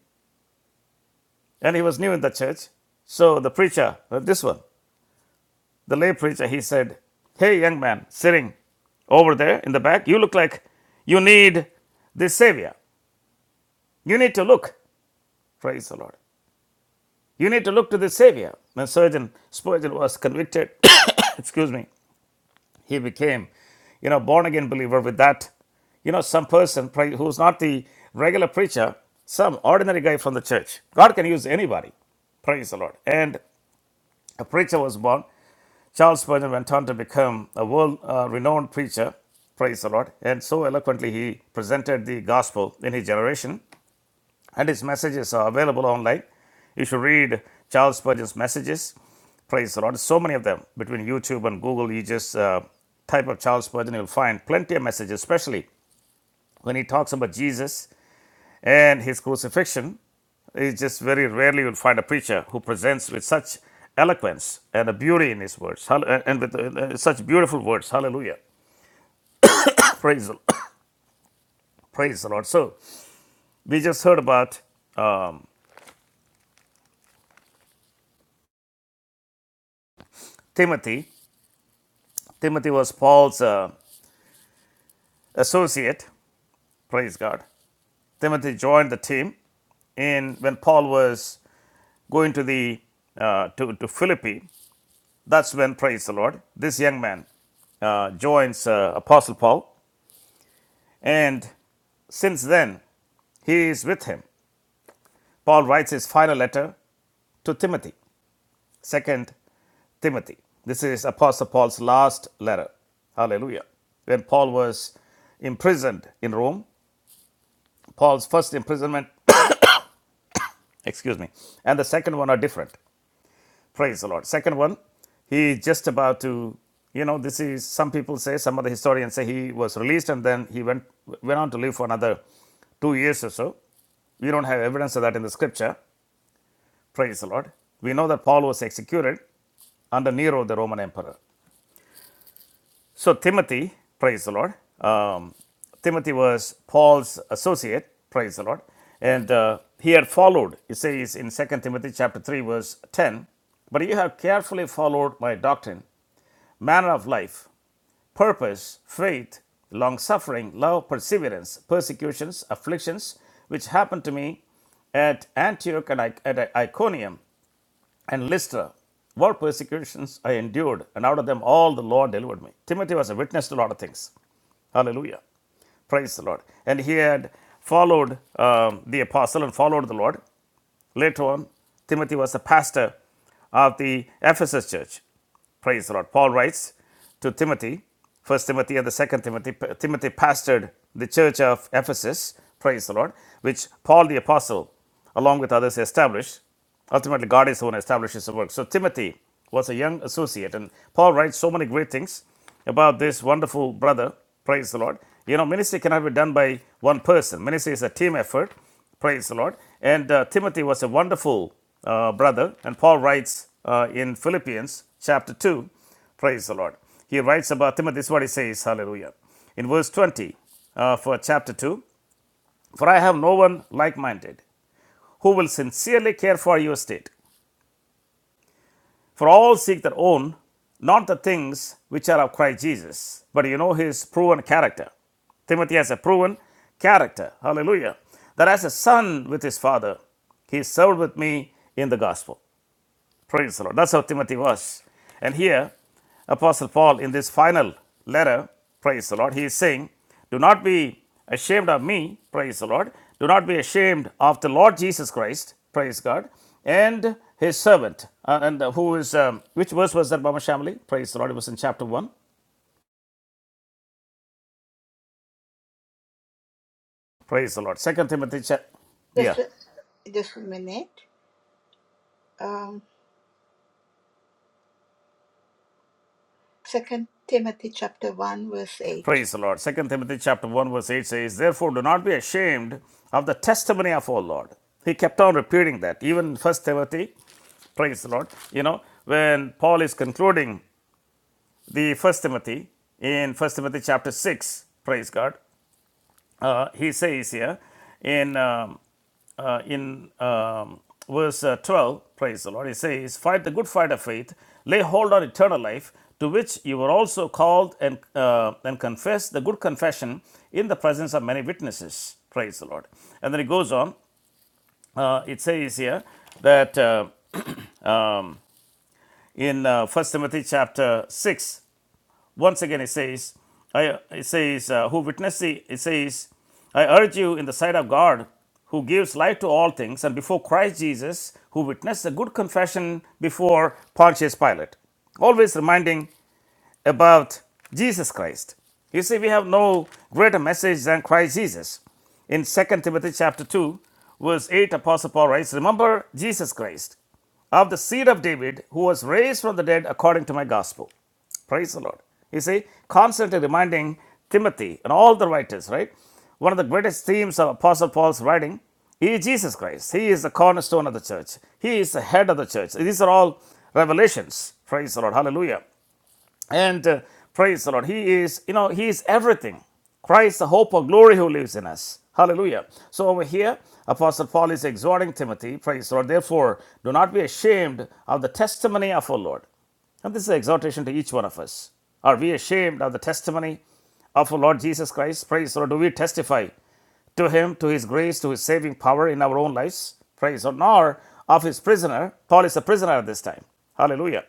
[SPEAKER 1] and he was new in the church. So the preacher, uh, this one, the lay preacher, he said, Hey, young man, sitting over there in the back, you look like you need this Savior. You need to look. Praise the Lord. You need to look to the Savior. When Surgeon Spurgeon was convicted, excuse me, he became, you know, born again believer with that. You know, some person who's not the regular preacher, some ordinary guy from the church. God can use anybody. Praise the Lord. And a preacher was born. Charles Spurgeon went on to become a world uh, renowned preacher. Praise the Lord. And so eloquently he presented the gospel in his generation and his messages are available online. You should read Charles Spurgeon's messages. Praise the Lord. So many of them between YouTube and Google. You just uh, type of Charles Spurgeon, you'll find plenty of messages, especially when he talks about Jesus and his crucifixion. It's just very rarely you'll find a preacher who presents with such eloquence and a beauty in his words, and with uh, uh, such beautiful words. Hallelujah. Praise the, praise the Lord. So we just heard about Timothy. Timothy was Paul's uh, associate Praise God. Timothy joined the team and when Paul was going to the uh, to, to Philippi. That's when, praise the Lord, this young man uh, joins uh, Apostle Paul, and since then he is with him. Paul writes his final letter to Timothy, Second Timothy. This is Apostle Paul's last letter. Hallelujah. When Paul was imprisoned in Rome, Paul's first imprisonment, excuse me, and the second one are different. Praise the Lord. Second one, he is just about to, you know, this is some people say, some of the historians say he was released and then he went went on to live for another two years or so. We don't have evidence of that in the scripture. Praise the Lord. We know that Paul was executed under Nero, the Roman emperor. So Timothy, praise the Lord. Um, Timothy was Paul's associate. Praise the Lord. And uh, he had followed. It says in Second Timothy chapter three verse ten. But you have carefully followed my doctrine, manner of life, purpose, faith, long suffering, love, perseverance, persecutions, afflictions, which happened to me at Antioch and I- at Iconium and Lystra. What persecutions I endured, and out of them all the Lord delivered me. Timothy was a witness to a lot of things. Hallelujah. Praise the Lord. And he had followed um, the apostle and followed the Lord. Later on, Timothy was the pastor of the Ephesus church. Praise the Lord. Paul writes to Timothy, First Timothy and the Second Timothy. Timothy pastored the church of Ephesus. Praise the Lord, which Paul the apostle, along with others, established. Ultimately, God is the one who establishes the work. So Timothy was a young associate, and Paul writes so many great things about this wonderful brother. Praise the Lord. You know, ministry cannot be done by one person. Ministry is a team effort. Praise the Lord. And uh, Timothy was a wonderful uh, brother. And Paul writes uh, in Philippians chapter 2, praise the Lord. He writes about Timothy, this is what he says, hallelujah. In verse 20 uh, for chapter 2, for I have no one like minded who will sincerely care for your state. For all seek their own, not the things which are of Christ Jesus, but you know his proven character. Timothy has a proven character, hallelujah, that as a son with his father, he served with me in the gospel. Praise the Lord. That's how Timothy was. And here, Apostle Paul, in this final letter, praise the Lord, he is saying, Do not be ashamed of me, praise the Lord. Do not be ashamed of the Lord Jesus Christ, praise God, and his servant. Uh, and uh, who is, um, which verse was that, Mama Shamali? Praise the Lord. It was in chapter 1. Praise the Lord. Second Timothy, chap
[SPEAKER 2] Just
[SPEAKER 1] yeah.
[SPEAKER 2] a, just a minute. Um, Second Timothy chapter 1, verse 8.
[SPEAKER 1] Praise the Lord. Second Timothy chapter 1 verse 8 says, Therefore do not be ashamed of the testimony of our Lord. He kept on repeating that. Even First Timothy Praise the Lord. You know, when Paul is concluding the First Timothy in First Timothy chapter six, praise God, uh, he says here in um, uh, in um, verse uh, twelve, praise the Lord. He says, "Fight the good fight of faith, lay hold on eternal life, to which you were also called, and uh, and confess the good confession in the presence of many witnesses." Praise the Lord. And then it goes on. Uh, it says here that uh, in uh, 1 Timothy chapter 6, Once again, it says, I, it says, uh, who witness the, it says, I urge you in the sight of God, who gives life to all things, and before Christ Jesus, who witnessed a good confession before Pontius Pilate. Always reminding about Jesus Christ. You see, we have no greater message than Christ Jesus. In Second Timothy chapter 2, verse 8, Apostle Paul writes, Remember Jesus Christ, of the seed of David, who was raised from the dead according to my gospel. Praise the Lord. You see, constantly reminding Timothy and all the writers, right? One of the greatest themes of Apostle Paul's writing is Jesus Christ. He is the cornerstone of the church, He is the head of the church. These are all revelations. Praise the Lord. Hallelujah. And uh, praise the Lord. He is, you know, He is everything. Christ, the hope of glory who lives in us. Hallelujah. So over here, Apostle Paul is exhorting Timothy, praise the Lord. Therefore, do not be ashamed of the testimony of our Lord. And this is an exhortation to each one of us. Are we ashamed of the testimony of our Lord Jesus Christ? Praise the Lord. Do we testify to him, to his grace, to his saving power in our own lives? Praise the Lord. Nor of his prisoner. Paul is a prisoner at this time. Hallelujah.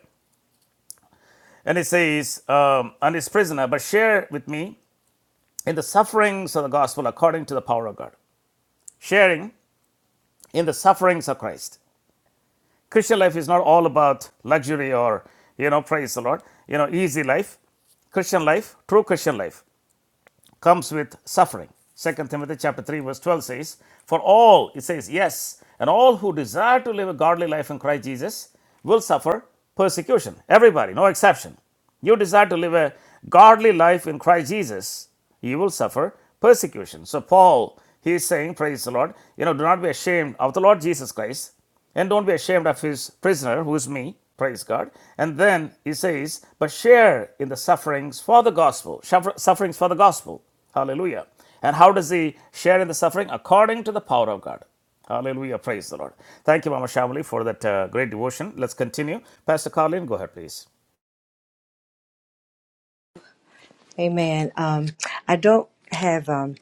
[SPEAKER 1] And it says, um, and his prisoner, but share with me in the sufferings of the gospel according to the power of God. Sharing in the sufferings of Christ. Christian life is not all about luxury or, you know, praise the Lord, you know, easy life. Christian life, true Christian life comes with suffering. Second Timothy chapter 3 verse 12 says, For all, it says, yes, and all who desire to live a godly life in Christ Jesus will suffer persecution. Everybody, no exception. You desire to live a godly life in Christ Jesus, you will suffer persecution. So Paul, he is saying, praise the Lord, you know, do not be ashamed of the Lord Jesus Christ, and don't be ashamed of his prisoner, who is me, praise God. And then he says, but share in the sufferings for the gospel, sufferings for the gospel. Hallelujah. And how does he share in the suffering? According to the power of God. Hallelujah. Praise the Lord. Thank you, Mama Shamali, for that uh, great devotion. Let's continue. Pastor Carlin, go ahead, please.
[SPEAKER 4] Amen. Um, I don't have um,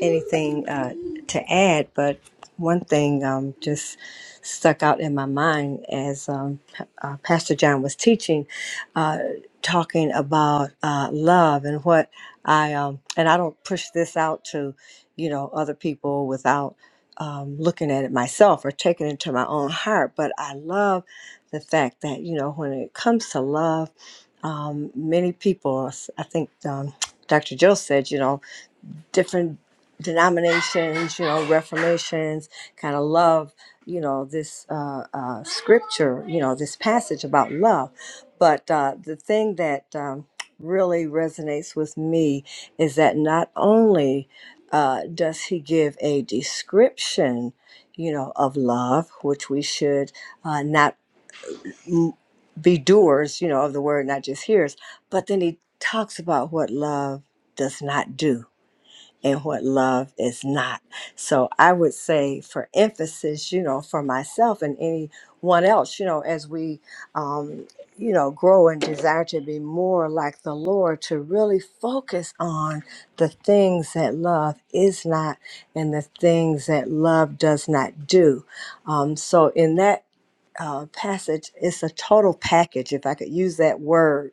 [SPEAKER 4] anything uh, to add, but one thing um, just stuck out in my mind as um, P- uh, Pastor John was teaching, uh, talking about uh, love and what I um, and I don't push this out to, you know, other people without um, looking at it myself or taking it to my own heart. But I love the fact that you know when it comes to love, um, many people, I think um, Dr. Joe said, you know, different denominations, you know, reformations, kind of love, you know, this uh, uh, scripture, you know, this passage about love. But uh, the thing that um, really resonates with me is that not only uh, does he give a description, you know, of love, which we should uh, not m- be doers, you know, of the word, not just hearers, but then he talks about what love does not do and what love is not. So I would say, for emphasis, you know, for myself and anyone else, you know, as we, um, you know, grow and desire to be more like the Lord, to really focus on the things that love is not and the things that love does not do. Um, so in that uh, passage, it's a total package, if I could use that word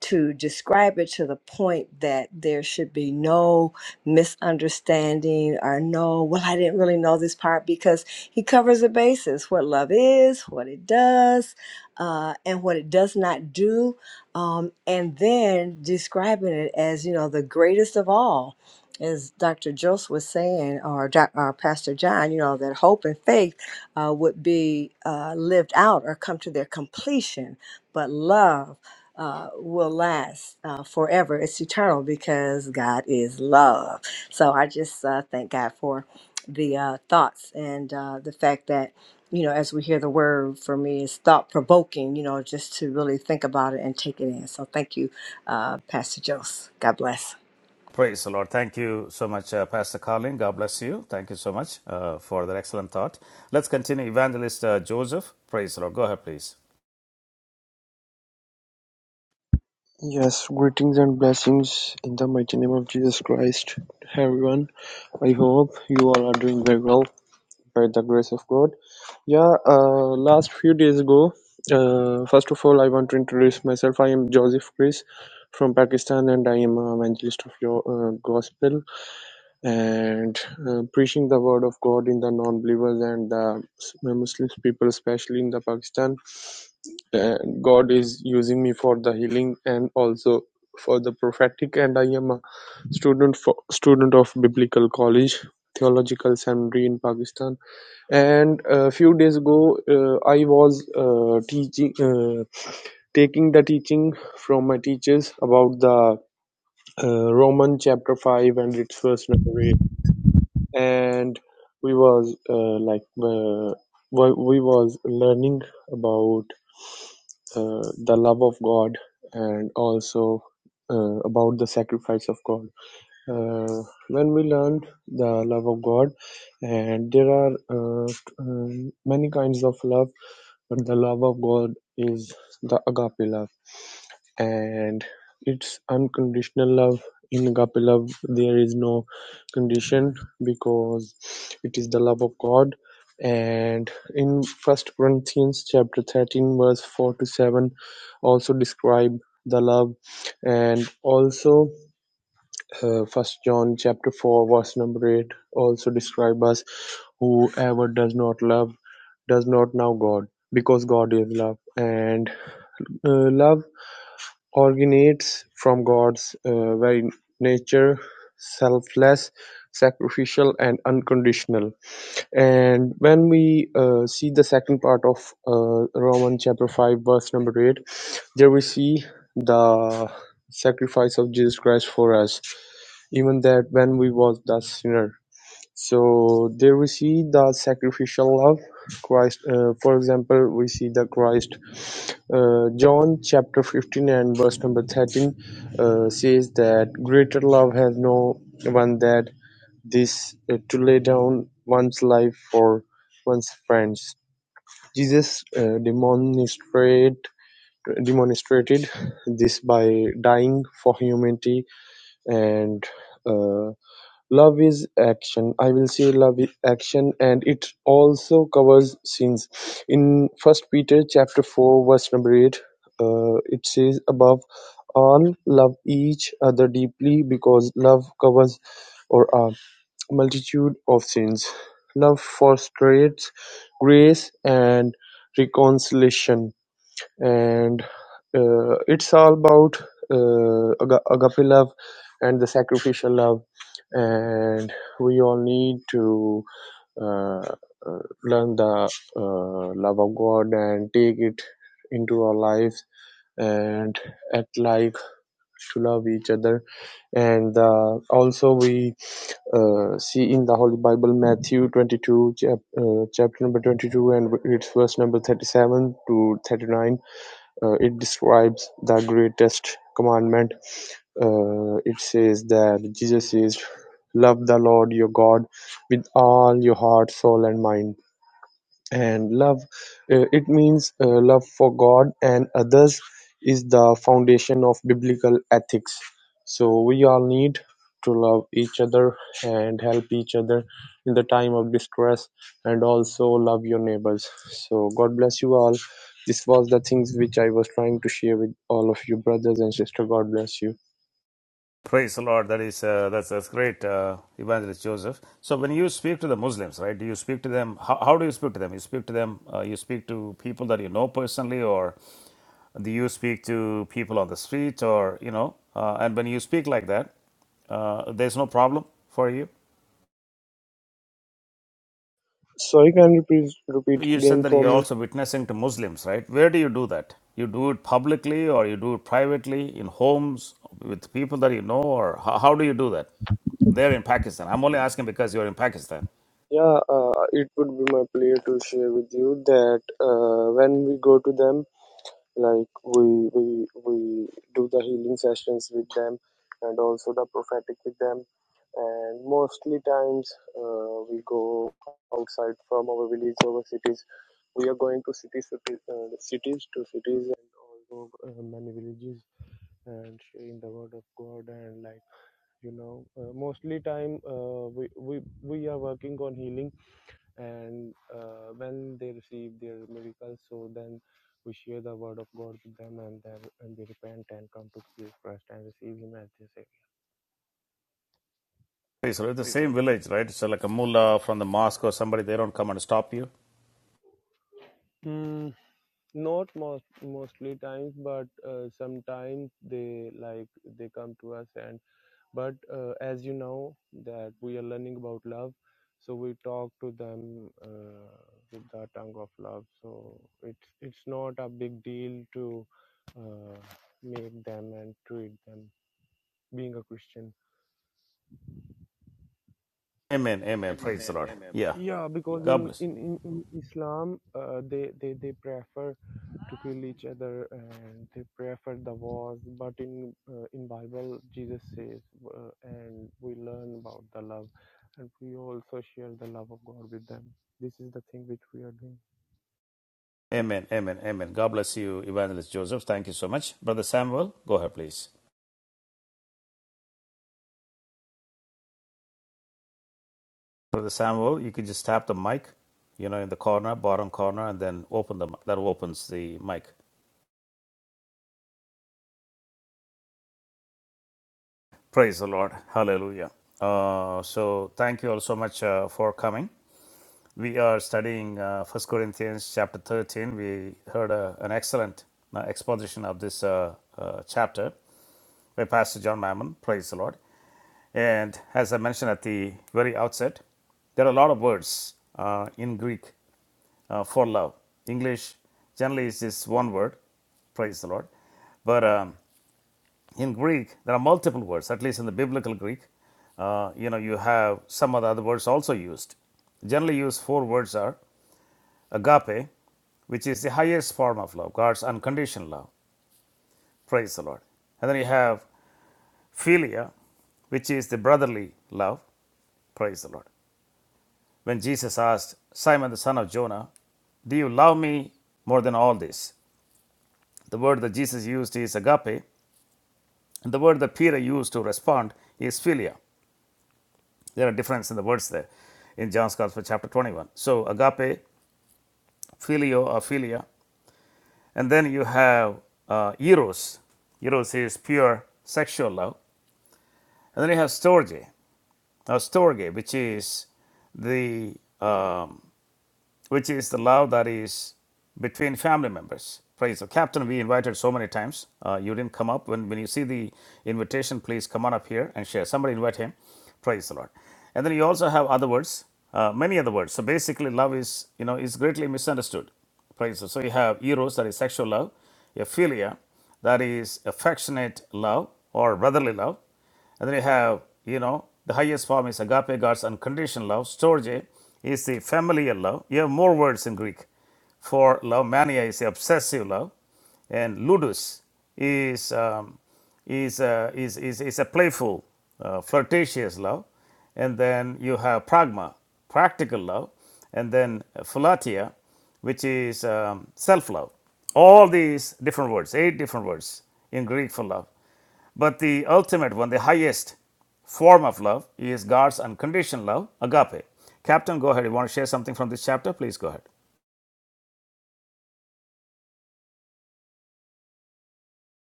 [SPEAKER 4] to describe it to the point that there should be no misunderstanding or no, well, I didn't really know this part because he covers the bases what love is, what it does, uh, and what it does not do. Um, and then describing it as, you know, the greatest of all. As Dr. Joseph was saying, or, Doc- or Pastor John, you know, that hope and faith uh, would be uh, lived out or come to their completion. But love, uh, will last uh, forever. It's eternal because God is love. So I just uh, thank God for the uh, thoughts and uh, the fact that, you know, as we hear the word for me, it's thought provoking, you know, just to really think about it and take it in. So thank you, uh, Pastor Jose. God bless.
[SPEAKER 1] Praise the Lord. Thank you so much, uh, Pastor Carlin. God bless you. Thank you so much uh, for that excellent thought. Let's continue. Evangelist uh, Joseph, praise the Lord. Go ahead, please.
[SPEAKER 5] Yes, greetings and blessings in the mighty name of Jesus Christ. Hey, Everyone, I hope you all are doing very well by the grace of God. Yeah, uh, last few days ago, uh, first of all, I want to introduce myself. I am Joseph Chris from Pakistan and I am an evangelist of your uh, gospel and uh, preaching the word of God in the non believers and the Muslim people, especially in the Pakistan and God is using me for the healing and also for the prophetic and I am a student for student of biblical college theological seminary in Pakistan and a few days ago uh, I was uh, teaching uh, taking the teaching from my teachers about the uh, Roman chapter 5 and its first number and we was uh, like uh, we we was learning about uh, the love of God and also uh, about the sacrifice of God. Uh, when we learn the love of God, and there are uh, t- um, many kinds of love, but the love of God is the agape love and it's unconditional love in agape love there is no condition because it is the love of god and in first corinthians chapter 13 verse 4 to 7 also describe the love and also uh, first john chapter 4 verse number 8 also describe us whoever does not love does not know god because god is love and uh, love originates from God's uh, very nature selfless sacrificial and unconditional and when we uh, see the second part of uh, roman chapter 5 verse number 8 there we see the sacrifice of jesus christ for us even that when we was the sinner so there we see the sacrificial love Christ. Uh, for example, we see the Christ. Uh, John chapter 15 and verse number 13 uh, says that greater love has no one that this uh, to lay down one's life for one's friends. Jesus uh, demonstrate, demonstrated this by dying for humanity and uh, "Love Is Action", "I Will say, Love is Action" and it also covers sins. In First Peter chapter four verse number eight, uh, it says, "Above all, love each other deeply, because love covers or a multitude of sins." Love fosters grace and reconciliation and uh, it's all about uh, aga- agape love and the sacrificial love and we all need to uh, uh, learn the uh, love of god and take it into our lives and act like to love each other and uh, also we uh, see in the holy bible matthew 22 chap- uh, chapter number 22 and it's verse number 37 to 39 uh, it describes the greatest commandment. Uh, it says that Jesus says, Love the Lord your God with all your heart, soul, and mind. And love, uh, it means uh, love for God and others is the foundation of biblical ethics. So we all need to love each other and help each other in the time of distress and also love your neighbors. So God bless you all. This was the things which I was trying to share with all of you brothers and sister. God bless you.
[SPEAKER 1] Praise the Lord. That is uh, that's that's great, uh, Evangelist Joseph. So when you speak to the Muslims, right? Do you speak to them? How, how do you speak to them? You speak to them. Uh, you speak to people that you know personally, or do you speak to people on the street, or you know? Uh, and when you speak like that, uh, there's no problem for you.
[SPEAKER 5] Sorry, can you please repeat it
[SPEAKER 1] You said
[SPEAKER 5] again
[SPEAKER 1] that
[SPEAKER 5] for
[SPEAKER 1] you're
[SPEAKER 5] me?
[SPEAKER 1] also witnessing to Muslims, right? Where do you do that? You do it publicly, or you do it privately in homes with people that you know, or how, how do you do that? They're in Pakistan. I'm only asking because you're in Pakistan.
[SPEAKER 5] Yeah, uh, it would be my pleasure to share with you that uh, when we go to them, like we we we do the healing sessions with them and also the prophetic with them and mostly times uh, we go outside from our village our cities we are going to cities cities, uh, cities to cities and also uh, many villages and sharing the word of god and like you know uh, mostly time uh, we, we we are working on healing and uh, when they receive their miracles so then we share the word of god with them and then and they repent and come to jesus christ and receive him as their savior
[SPEAKER 1] Hey, So it's the
[SPEAKER 5] Praise the
[SPEAKER 1] same village, right? So like a mullah from the mosque or somebody, they don't come and stop you.
[SPEAKER 5] mm, not most mostly times but uh, sometimes they like they come to us and but uh, as you know that we are learning about love so we talk to them uh, with the tongue of love so it's it's not a big deal to uh, make them and treat them being a christian
[SPEAKER 1] Amen, amen. Praise the Lord. Yeah.
[SPEAKER 5] yeah because in
[SPEAKER 1] God bless.
[SPEAKER 5] in in, in islam uh, they they they prefer to kill each other and they prefer the wars but in uh, in bible jesus says uh, and we learn about the love and we also share the love of god with them this is the thing which we are doing
[SPEAKER 1] Amen, amen, amen. God bless you, Evangelist Joseph. Thank you so much. Brother Samuel, go ahead, please. Brother Samuel, you can just tap the mic, you know, in the corner, bottom corner, and then open the that opens the mic. Praise the Lord. Hallelujah. Uh, so thank you all so much uh, for coming. We are studying uh, 1 Corinthians chapter 13. We heard uh, an excellent uh, exposition of this uh, uh, chapter by Pastor John Mammon. Praise the Lord. And as I mentioned at the very outset, there are a lot of words uh, in Greek uh, for love. English generally is just one word, praise the Lord. But um, in Greek, there are multiple words, at least in the biblical Greek. Uh, you know, you have some of the other words also used. Generally used four words are agape, which is the highest form of love, God's unconditional love. Praise the Lord. And then you have philia, which is the brotherly love. Praise the Lord. When Jesus asked Simon the son of Jonah, Do you love me more than all this? The word that Jesus used is agape, and the word that Peter used to respond is philia. There are differences in the words there in John's Gospel, chapter 21. So, agape, filio, or philia And then you have uh, eros. Eros is pure sexual love. And then you have storge, or storge, which is the um, which is the love that is between family members. Praise the Captain, we invited so many times. Uh, you didn't come up. When, when you see the invitation, please come on up here and share. Somebody invite him. Praise the Lord. And then you also have other words, uh, many other words. So basically, love is, you know, is greatly misunderstood. Praise the Lord. So you have eros, that is sexual love, a philia, that is affectionate love or brotherly love, and then you have, you know, the highest form is agape, God's unconditional love. Storge is the familial love. You have more words in Greek for love. Mania is the obsessive love, and ludus is um, is, uh, is is is a playful, uh, flirtatious love. And then you have pragma, practical love, and then philatia, which is um, self love. All these different words, eight different words in Greek for love. But the ultimate one, the highest form of love, is God's unconditional love, agape. Captain, go ahead. You want to share something from this chapter? Please go ahead.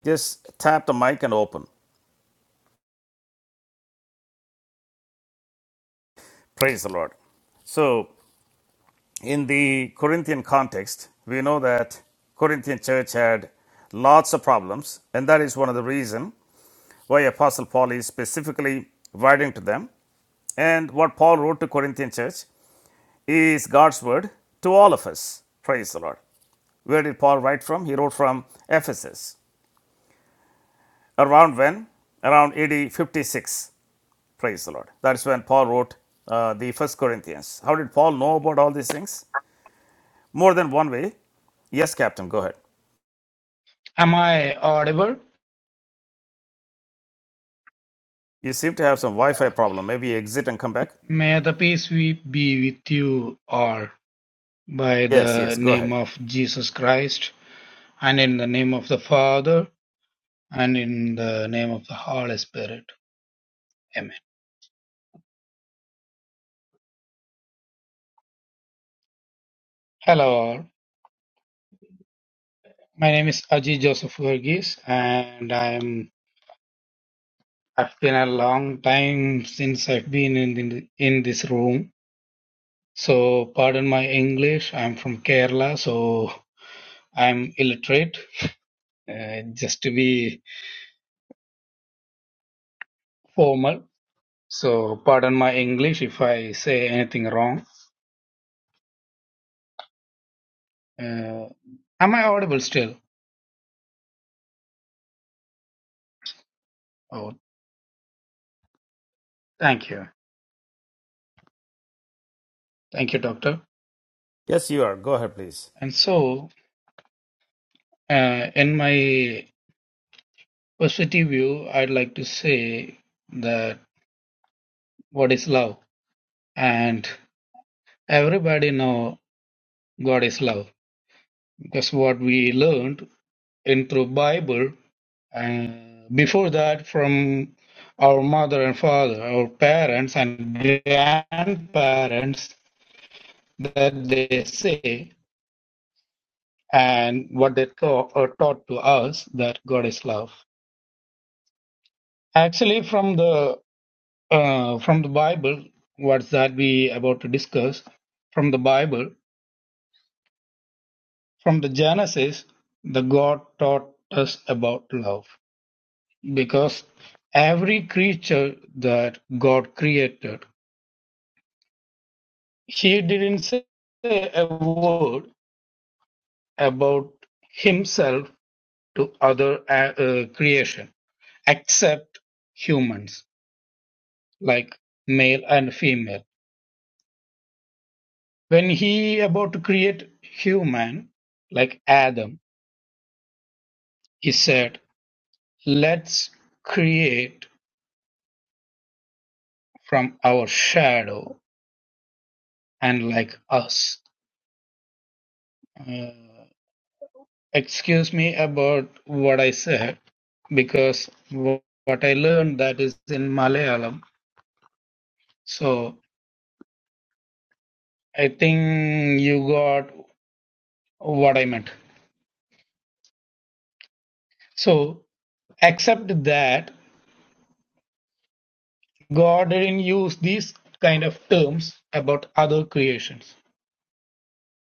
[SPEAKER 1] Just tap the mic and open. Praise the Lord. So, in the Corinthian context, we know that Corinthian church had lots of problems, and that is one of the reason why Apostle Paul is specifically writing to them. And what Paul wrote to Corinthian church is God's word to all of us. Praise the Lord. Where did Paul write from? He wrote from Ephesus. Around when? Around AD 56. Praise the Lord. That's when Paul wrote uh, the First Corinthians. How did Paul know about all these things? More than one way. Yes, Captain, go ahead.
[SPEAKER 6] Am I audible?
[SPEAKER 1] You seem to have some Wi Fi
[SPEAKER 6] Okay.
[SPEAKER 1] problem. Maybe exit and come back?
[SPEAKER 6] May the peace we be with you all by
[SPEAKER 1] Yes,
[SPEAKER 6] the
[SPEAKER 1] yes, go
[SPEAKER 6] name
[SPEAKER 1] ahead.
[SPEAKER 6] of Jesus Christ and in the name of the Father and in the name of the Holy Spirit. Amen. Hello all. My name is Aji Joseph Verghese and I'm I've been a long time since I've been in in, in this room. So pardon my English. I'm from Kerala, so I'm illiterate. Uh, just to be formal So, pardon my English if I say anything wrong. Uh, am I audible still? Oh, thank you. Thank you, doctor.
[SPEAKER 1] Yes, you are. Go ahead, please.
[SPEAKER 6] And so, uh, in my positive view, I'd like to say that what is love? And everybody know God is love because what we learned in through Bible and before that from our mother and father, our parents and grandparents that they say and what they taught, or taught to us that God is love. Actually, from the uh, from the Bible, what's that we about to discuss? From the Bible, from the Genesis, the God taught us about love because every creature that God created, He didn't say a word about Himself to other uh, uh, creation accept humans like male and female when he about to create human like adam he said let's create from our shadow and like us Uh, excuse me about what i said because wh- what i learned that is in malayalam so i think you got what i meant so accept that God didn't use these kind of terms about other creations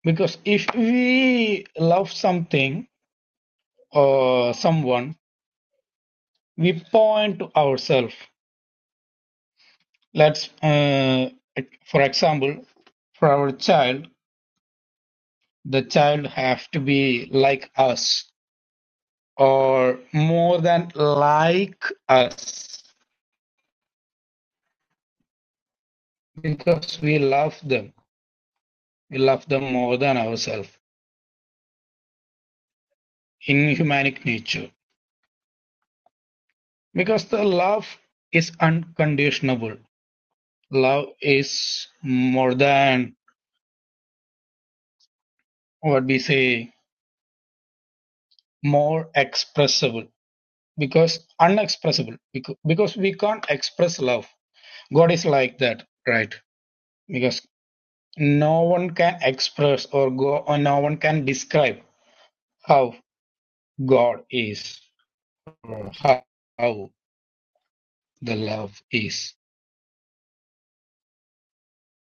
[SPEAKER 6] because if we love something or someone, we point to ourselves. Let's, uh, for example, for our child, the child have to be like us or more than like us because we love them. We love them more than ourselves in humanic nature Because the love is unconditional. Love is more than what we say, more expressible. Because unexpressible. Because, because we can't express love. God is like that, right? Because no one can express or go or no one can describe how God is or how, how the love is.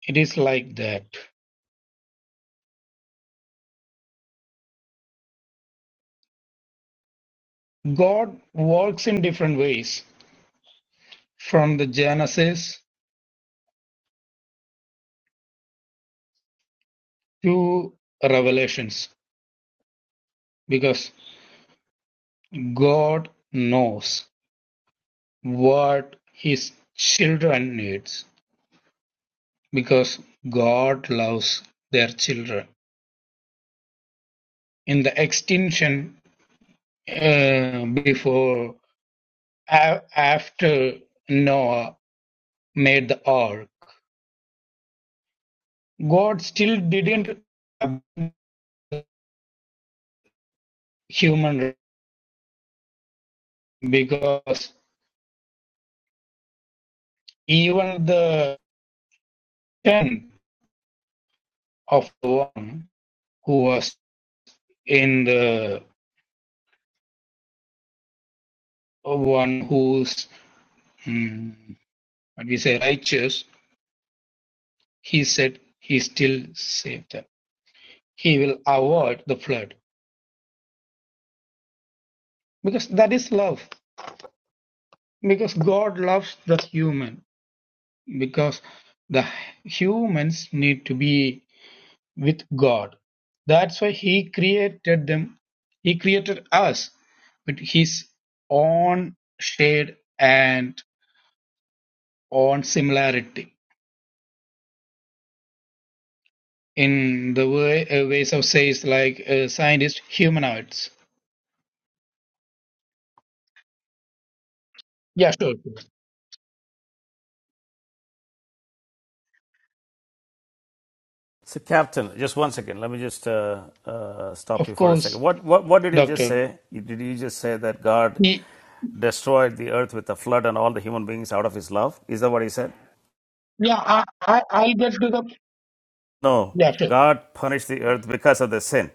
[SPEAKER 6] It is like that. God works in different ways from the Genesis Two revelations, because God knows what his children needs, because God loves their children. In the extinction uh, before a- after Noah made the ark, God still didn't abandon the human race because even the tenth of the one who was in the of one who's mm, what we say righteous, he said he still saved them. He will avoid the flood because that is love. Because God loves the human. Because the humans need to be with God. That's why He created them. He created us with His own shade and own similarity in the way, uh, ways of says like uh, scientist humanoids. Yeah, sure, sure.
[SPEAKER 1] So, Captain, just one second. Let me just uh, uh, stop
[SPEAKER 6] Of
[SPEAKER 1] you for a second.
[SPEAKER 6] course,
[SPEAKER 1] What, what, what did he just
[SPEAKER 6] doctor.
[SPEAKER 1] say? Did he just say that God
[SPEAKER 6] Ye-
[SPEAKER 1] destroyed the earth with a flood and all the human beings out of his love? Is that what he said?
[SPEAKER 6] Yeah, I, I, I'll get to the.
[SPEAKER 1] No,
[SPEAKER 6] Yeah, sure.
[SPEAKER 1] God punished the earth because of the sin.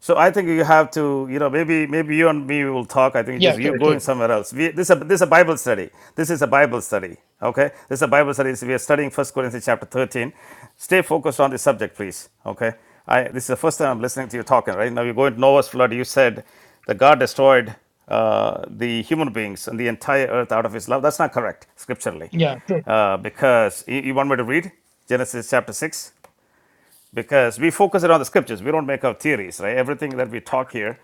[SPEAKER 1] So I think you have to, you know, maybe maybe you and me will talk. I think
[SPEAKER 6] Yeah,
[SPEAKER 1] just you're
[SPEAKER 6] sure,
[SPEAKER 1] going
[SPEAKER 6] sure.
[SPEAKER 1] somewhere else. We, this is a, this is a Bible study. This is a Bible study. Okay, this is a Bible study. We are studying First Corinthians chapter thirteen. Stay focused on the subject, please. Okay, I this is the first time I'm listening to you talking. Right now, you're going to Noah's flood. You said that God destroyed uh, the human beings and the entire earth out of His love. That's not correct scripturally,
[SPEAKER 6] Yeah, sure.
[SPEAKER 1] uh, because you, you want me to read Genesis chapter six because we focus it on the scriptures. We don't make up theories, right? Everything that we talk here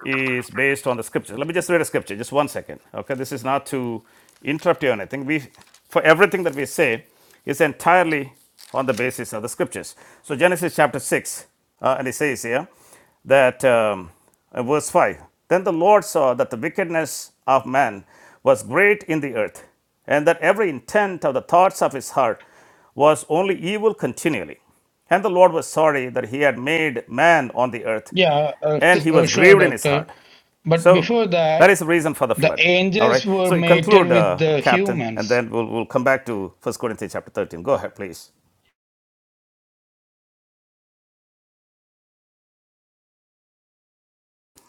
[SPEAKER 1] is based on the scriptures. Let me just read a scripture, just one second. Okay, this is not to interrupt you or anything. We, for everything that we say, is entirely on the basis of the scriptures. So Genesis chapter six, uh, and it says here that um, uh, verse five. Then the Lord saw that the wickedness of man was great in the earth, and that every intent of the thoughts of his heart was only evil continually. And the Lord was sorry that he had made man on the earth,
[SPEAKER 6] Yeah, uh,
[SPEAKER 1] and
[SPEAKER 6] su-
[SPEAKER 1] he
[SPEAKER 6] uh,
[SPEAKER 1] was
[SPEAKER 6] sure,
[SPEAKER 1] grieved in his
[SPEAKER 6] doctor.
[SPEAKER 1] heart.
[SPEAKER 6] But
[SPEAKER 1] So
[SPEAKER 6] before
[SPEAKER 1] that
[SPEAKER 6] that,
[SPEAKER 1] is the reason for the
[SPEAKER 6] the
[SPEAKER 1] flood. All right.
[SPEAKER 6] angels were
[SPEAKER 1] So you conclude,
[SPEAKER 6] mated with
[SPEAKER 1] uh,
[SPEAKER 6] the
[SPEAKER 1] Captain,
[SPEAKER 6] humans.
[SPEAKER 1] and then we'll, we'll come back to First Corinthians chapter 13. Go ahead, please.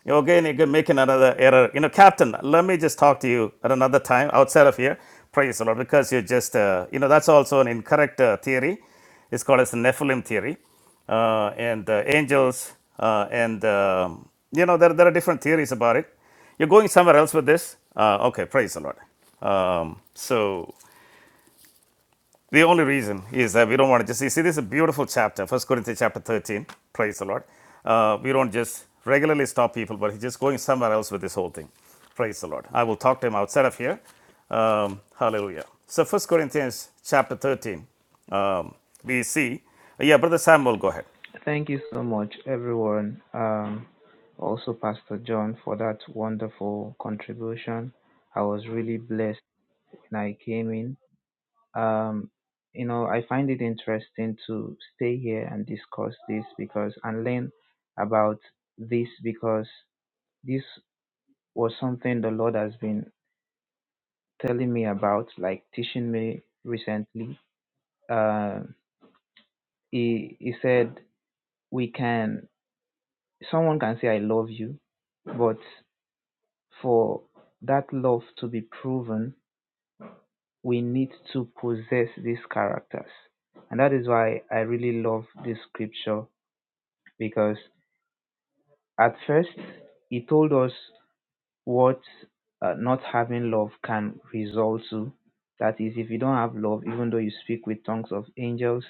[SPEAKER 1] Again, you're making another error. You know, Captain, let me just talk to you at another time outside of here. Praise the Lord, because you're just, uh, you know, that's also an incorrect uh, theory. It's called as the Nephilim theory. Uh, and uh, angels, uh, and, um, you know, there, there are different theories about it. You're going somewhere else with this? Uh, okay, praise the Lord. Um, so the only reason is that we don't want to just see, see, this is a beautiful chapter, First Corinthians chapter 13. Praise the Lord. Uh, we don't just regularly stop people, but he's just going somewhere else with this whole thing. Praise the Lord. I will talk to him outside of here. Um, hallelujah. So, First Corinthians chapter 13, um, we see. uh, Yeah, Brother Samuel, go ahead.
[SPEAKER 7] Thank you so much, everyone. Um, also, Pastor John, for that wonderful contribution. I was really blessed when I came in. Um, you know, I find it interesting to stay here and discuss this because and learn about this because this was something the Lord has been telling me about, like teaching me recently. Uh, he He said we can someone can say I love you, but For that love to be proven, we need to possess these characters. And that is why I really love this scripture because at first he told us what uh, not having love can result to. That is, if you don't have love, even though you speak with tongues of angels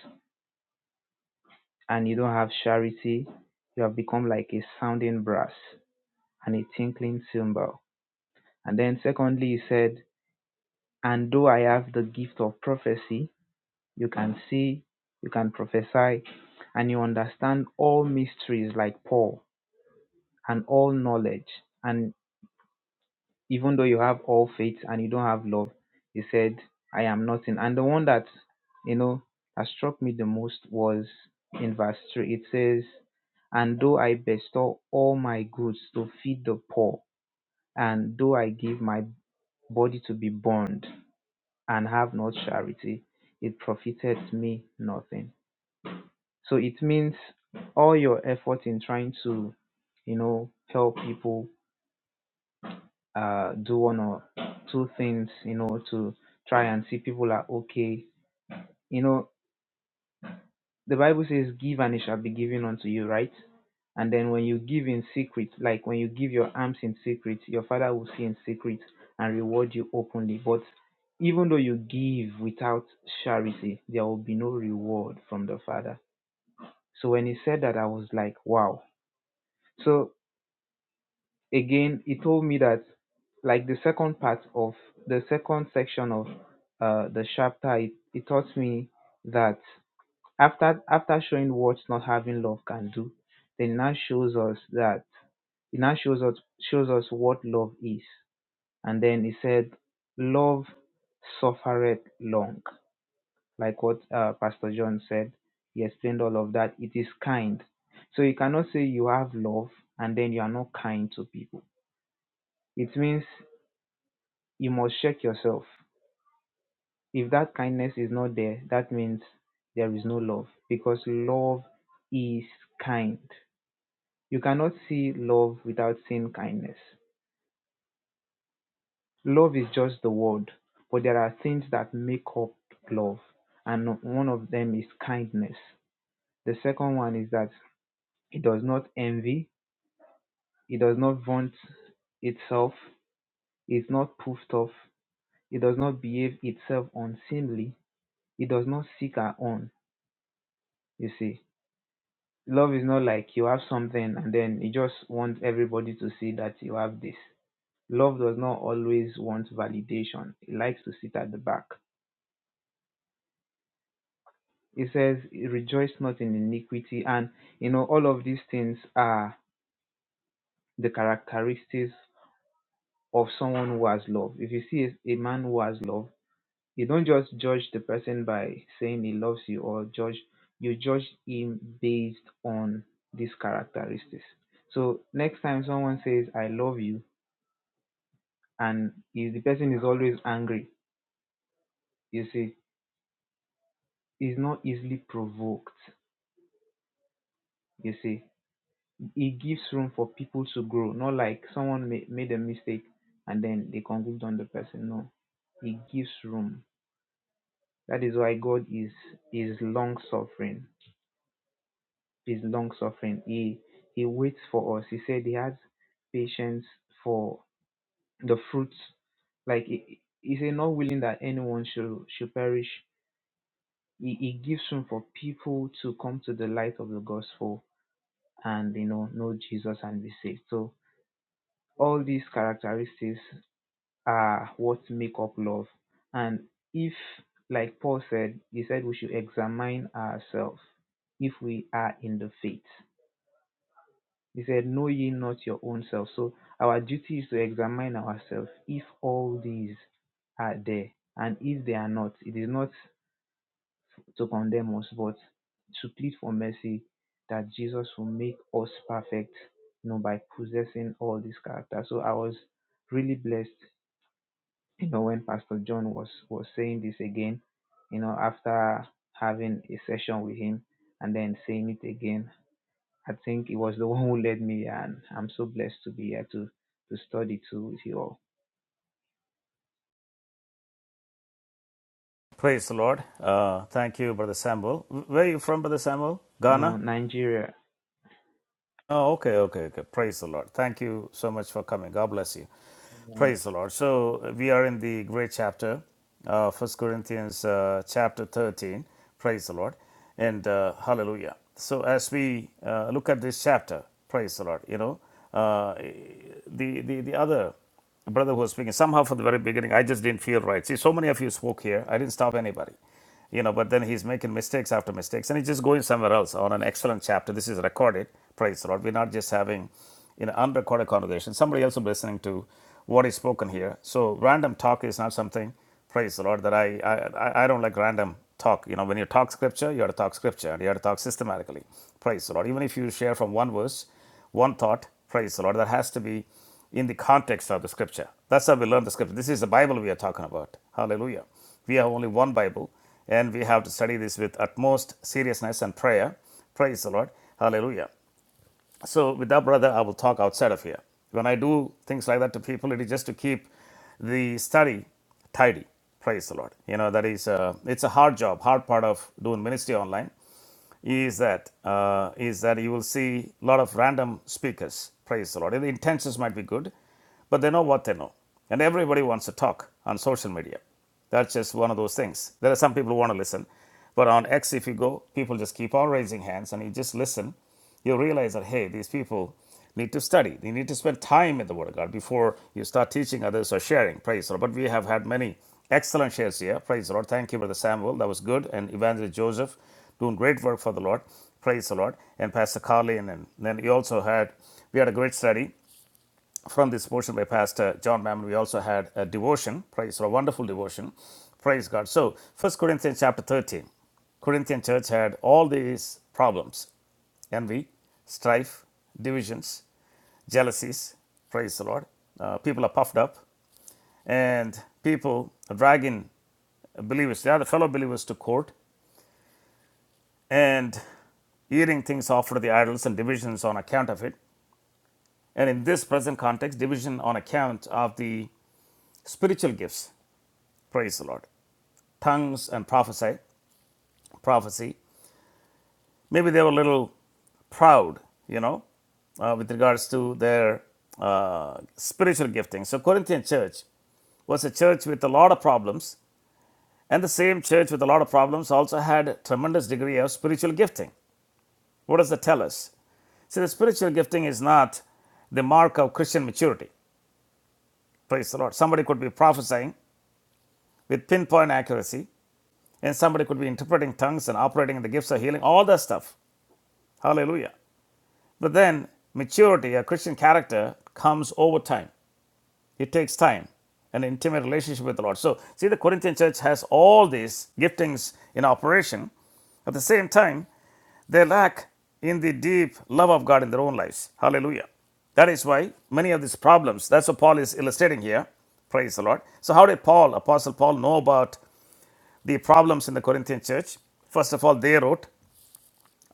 [SPEAKER 7] and you don't have charity, you have become like a sounding brass and a tinkling cymbal. And then, secondly, he said, And though I have the gift of prophecy you can see, you can prophesy, and you understand all mysteries like Paul and all knowledge. And even though you have all faith and you don't have love, he said, I am nothing. And the one that, you know, that struck me the most was in verse 3. It says, And though I bestow all my goods to feed the poor, and though I give my body to be burned and have not charity, it profiteth me nothing So it means all your effort in trying to, you know, help people uh, do one or two things, you know, to try and see people are okay. You know, the Bible says, give and it shall be given unto you, right? And then when you give in secret, like when you give your alms in secret, your father will see in secret and reward you openly. But even though you give without charity, there will be no reward from the father. So when he said that, I was like, wow. So again, he told me that like the second part of the second section of uh, the chapter, it, it taught me that after after showing what not having love can do, then it now shows us that it now shows us shows us what love is, and then he said, "Love suffereth long," like what uh, Pastor John said. He explained all of that. It is kind, so you cannot say you have love and then you are not kind to people. It means you must check yourself. If that kindness is not there, that means there is no love because love is kind. You cannot see love without seeing kindness. Love is just the word, but there are things that make up love, and one of them is kindness. The second one is that it does not envy, it does not vaunt itself, it's not puffed off, it does not behave itself unseemly, it does not seek our own, you see. love is not like you have something and then you just want everybody to see that you have this. Love does not always want validation. It likes to sit at the back. It says, rejoice not in iniquity. And, you know, all of these things are the characteristics of someone who has love. If you see a, a man who has love, you don't just judge the person by saying he loves you or judge, you judge him based on these characteristics. So next time someone says, I love you, and if the person is always angry you see is not easily provoked you see it gives room for people to grow not like someone ma- made a mistake and then they conclude on the person no it gives room that is why god is is long suffering is long suffering he he waits for us he said he has patience for the fruits like he he said not willing that anyone should should perish it, it gives room for people to come to the light of the gospel and you know know jesus and be saved so all these characteristics are what make up love and if like paul said he said we should examine ourselves if we are in the faith he said know ye not your own self so our duty is to examine ourselves if all these are there and if they are not it is not to condemn us, but to plead for mercy that Jesus will make us perfect, you know, by possessing all this character. So I was really blessed, you know, when Pastor John was was saying this again, you know, after having a session with him and then saying it again. I think it was the one who led me and I'm so blessed to be here to to study too with you all.
[SPEAKER 1] Praise the Lord. Uh, thank you, Brother Samuel. Where are you from, Brother Samuel?
[SPEAKER 7] You know,
[SPEAKER 1] Ghana?
[SPEAKER 7] Nigeria.
[SPEAKER 1] Oh, okay, okay, okay. Praise the Lord. Thank you so much for coming. God bless you.
[SPEAKER 7] Amen.
[SPEAKER 1] Praise the Lord. So uh, we are in the great chapter, uh, 1 Corinthians uh, chapter 13. Praise the Lord. And uh, hallelujah. So as we uh, look at this chapter, praise the Lord, you know, uh, the, the, the other the brother who was speaking, somehow from the very beginning, I just didn't feel right. See, so many of you spoke here. I didn't stop anybody. You know, but then he's making mistakes after mistakes and he's just going somewhere else on an excellent chapter. This is recorded. Praise the Lord. We're not just having you know unrecorded conversation. Somebody else will be listening to what is spoken here. So random talk is not something, praise the Lord, that I I, I I don't like random talk. You know, when you talk scripture, you have to talk scripture and you have to talk systematically. Praise the Lord. Even if you share from one verse, one thought, praise the Lord, that has to be in the context of the scripture. That's how we learn the scripture. This is the Bible we are talking about. Hallelujah. We have only one Bible, and we have to study this with utmost seriousness and prayer. Praise the Lord. Hallelujah. So, with that, brother, I will talk outside of here. When I do things like that to people, it is just to keep the study tidy. Praise the Lord. You know, that is, a it's a hard job, hard part of doing ministry online is that uh, is that you will see a lot of random speakers. Praise the Lord. And the intentions might be good, but they know what they know, and everybody wants to talk on social media. That's just one of those things. There are some people who want to listen, but on X, if you go, people just keep on raising hands, and you just listen you realize that hey these people need to study they need to spend time in the word of god before you start teaching others or sharing praise the lord but we have had many excellent shares here praise the lord thank you brother samuel that was good and evangelist joseph doing great work for the lord praise the lord and pastor carlin and then you also had we had a great study from this portion by Pastor John Mammon, we also had a devotion, praise, or a wonderful devotion. Praise God. So, First Corinthians chapter 13. Corinthian church had all these problems envy, strife, divisions, jealousies. Praise the Lord. Uh, people are puffed up and people are dragging believers, the other fellow believers, to court and eating things offered to the idols and divisions on account of it. And in this present context, division on account of the spiritual gifts Praise the Lord. Tongues and prophesy, prophecy. Maybe they were a little proud, you know, uh, with regards to their uh, spiritual gifting. So Corinthian church was a church with a lot of problems, and the same church with a lot of problems also had a tremendous degree of spiritual gifting. What does that tell us? See, the spiritual gifting is not the mark of Christian maturity. Praise the Lord. Somebody could be prophesying with pinpoint accuracy, and somebody could be interpreting tongues and operating in the gifts of healing, all that stuff. Hallelujah. But then maturity, a Christian character, comes over time. It takes time, an intimate relationship with the Lord. So, see, the Corinthian church has all these giftings in operation. At the same time, they lack in the deep love of God in their own lives. Hallelujah. That is why many of these problems, that's what Paul is illustrating here. Praise the Lord. So, how did Paul, Apostle Paul, know about the problems in the Corinthian church? First of all, they wrote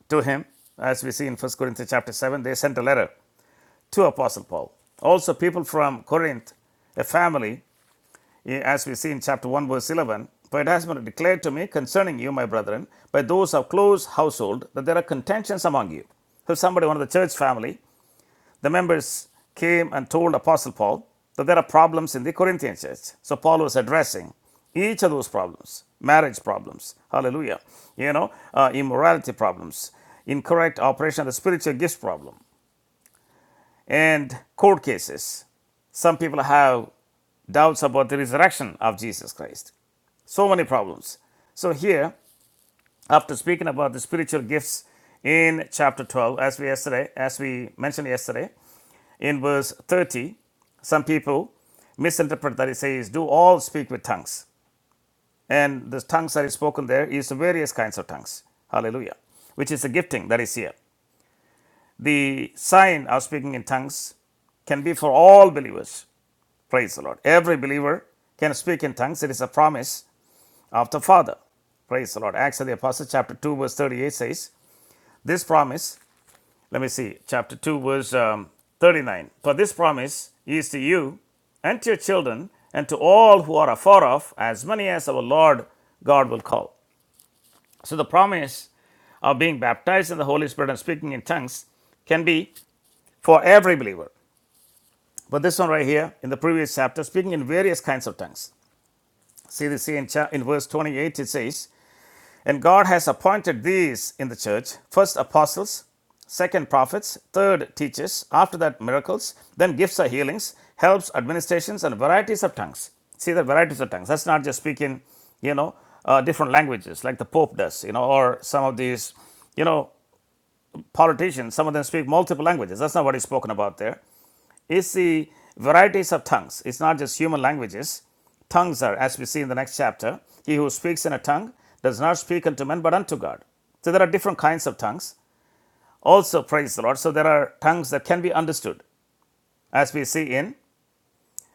[SPEAKER 1] to him, as we see in 1 Corinthians chapter 7, they sent a letter to Apostle Paul. Also, people from Corinth, a family, eh, as we see in chapter 1, verse 11, for it has been declared to me concerning you, my brethren, by those of close household, that there are contentions among you. So, somebody, one of the church family, the members came and told Apostle Paul that there are problems in the Corinthian church. So, Paul was addressing each of those problems marriage problems hallelujah you know uh, immorality problems incorrect operation of the spiritual gifts problem and court cases. Some people have doubts about the resurrection of Jesus Christ. So many problems. So, here, after speaking about the spiritual gifts in chapter 12, as we, yesterday, as we mentioned yesterday, in verse 30, some people misinterpret that it says, Do all speak with tongues. And the tongues that is spoken there is various kinds of tongues. Hallelujah. Which is the gifting that is here. The sign of speaking in tongues can be for all believers Praise the Lord. Every believer can speak in tongues. It is a promise of the Father. Praise the Lord. Acts of the Apostles, chapter 2, verse 38 says, This promise, let me see, chapter 2, verse um, 39. For this promise is to you and to your children and to all who are afar off, as many as our Lord God will call. So the promise of being baptized in the Holy Spirit and speaking in tongues can be for every believer. But this one right here in the previous chapter, speaking in various kinds of tongues. See this in, in verse 28, it says, And God has appointed these in the church first apostles, second prophets, third teachers, after that miracles, then gifts of healings, helps, administrations, and varieties of tongues. See the varieties of tongues. That's not just speaking, you know, uh, different languages like the Pope does, you know, or some of these, you know, politicians. Some of them speak multiple languages. That's not what is spoken about there is the varieties of tongues. It's not just human languages. Tongues are, as we see in the next chapter, he who speaks in a tongue does not speak unto men but unto God. So there are different kinds of tongues. Also, praise the Lord. So there are tongues that can be understood, as we see in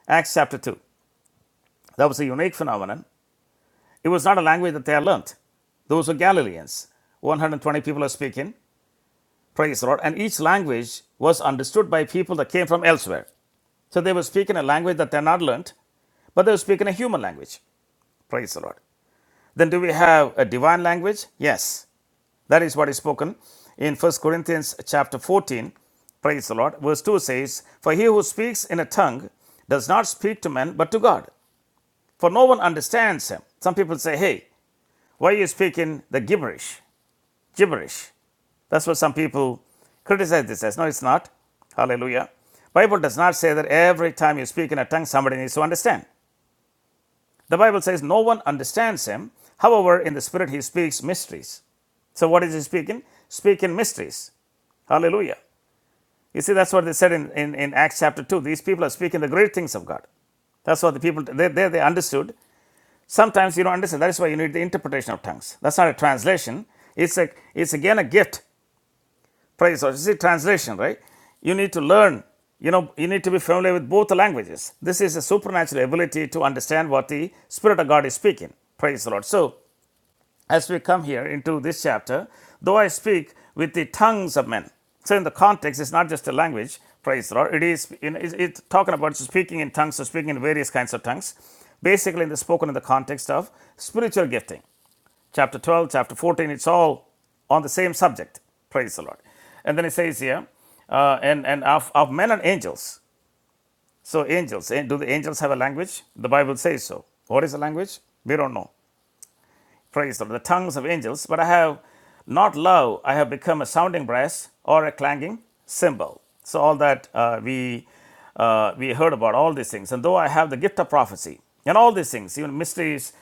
[SPEAKER 1] Acts chapter 2. That was a unique phenomenon. It was not a language that they had learnt. Those were Galileans. 120 people are speaking, praise the Lord. And each language was understood by people that came from elsewhere. So they were speaking a language that they're not learned, but they were speaking a human language. Praise the Lord. Then do we have a divine language? Yes. That is what is spoken in First Corinthians chapter 14. Praise the Lord. Verse 2 says, For he who speaks in a tongue does not speak to men but to God, for no one understands him. Some people say, Hey, why are you speaking the gibberish? Gibberish. That's what some people criticize this as. No, it's not. Hallelujah. Bible does not say that every time you speak in a tongue, somebody needs to understand. The Bible says no one understands him. However, in the spirit he speaks mysteries. So what is he speaking? Speaking mysteries. Hallelujah. You see, that's what they said in, in, in Acts chapter 2. These people are speaking the great things of God. That's what the people, they, they, they understood. Sometimes you don't understand. That is why you need the interpretation of tongues. That's not a translation. It's, a, it's again a gift Praise God. You see, translation, right? You need to learn, you know, you need to be familiar with both the languages. This is a supernatural ability to understand what the Spirit of God is speaking. Praise the Lord. So, as we come here into this chapter, though I speak with the tongues of men. So, in the context, it's not just a language, praise the Lord. It is, you know, it's, talking about speaking in tongues or speaking in various kinds of tongues, basically in spoken in the context of spiritual gifting chapter 12, chapter 14, it's all on the same subject. Praise the Lord. And then it says here, uh, and, and of, of men and angels. So, angels, eh, do the angels have a language? The Bible says so. What is the language? We don't know. Praise them, the tongues of angels, but I have not love, I have become a sounding brass or a clanging cymbal. So, all that uh, we, uh, we heard about, all these things. And though I have the gift of prophecy and all these things, even mysteries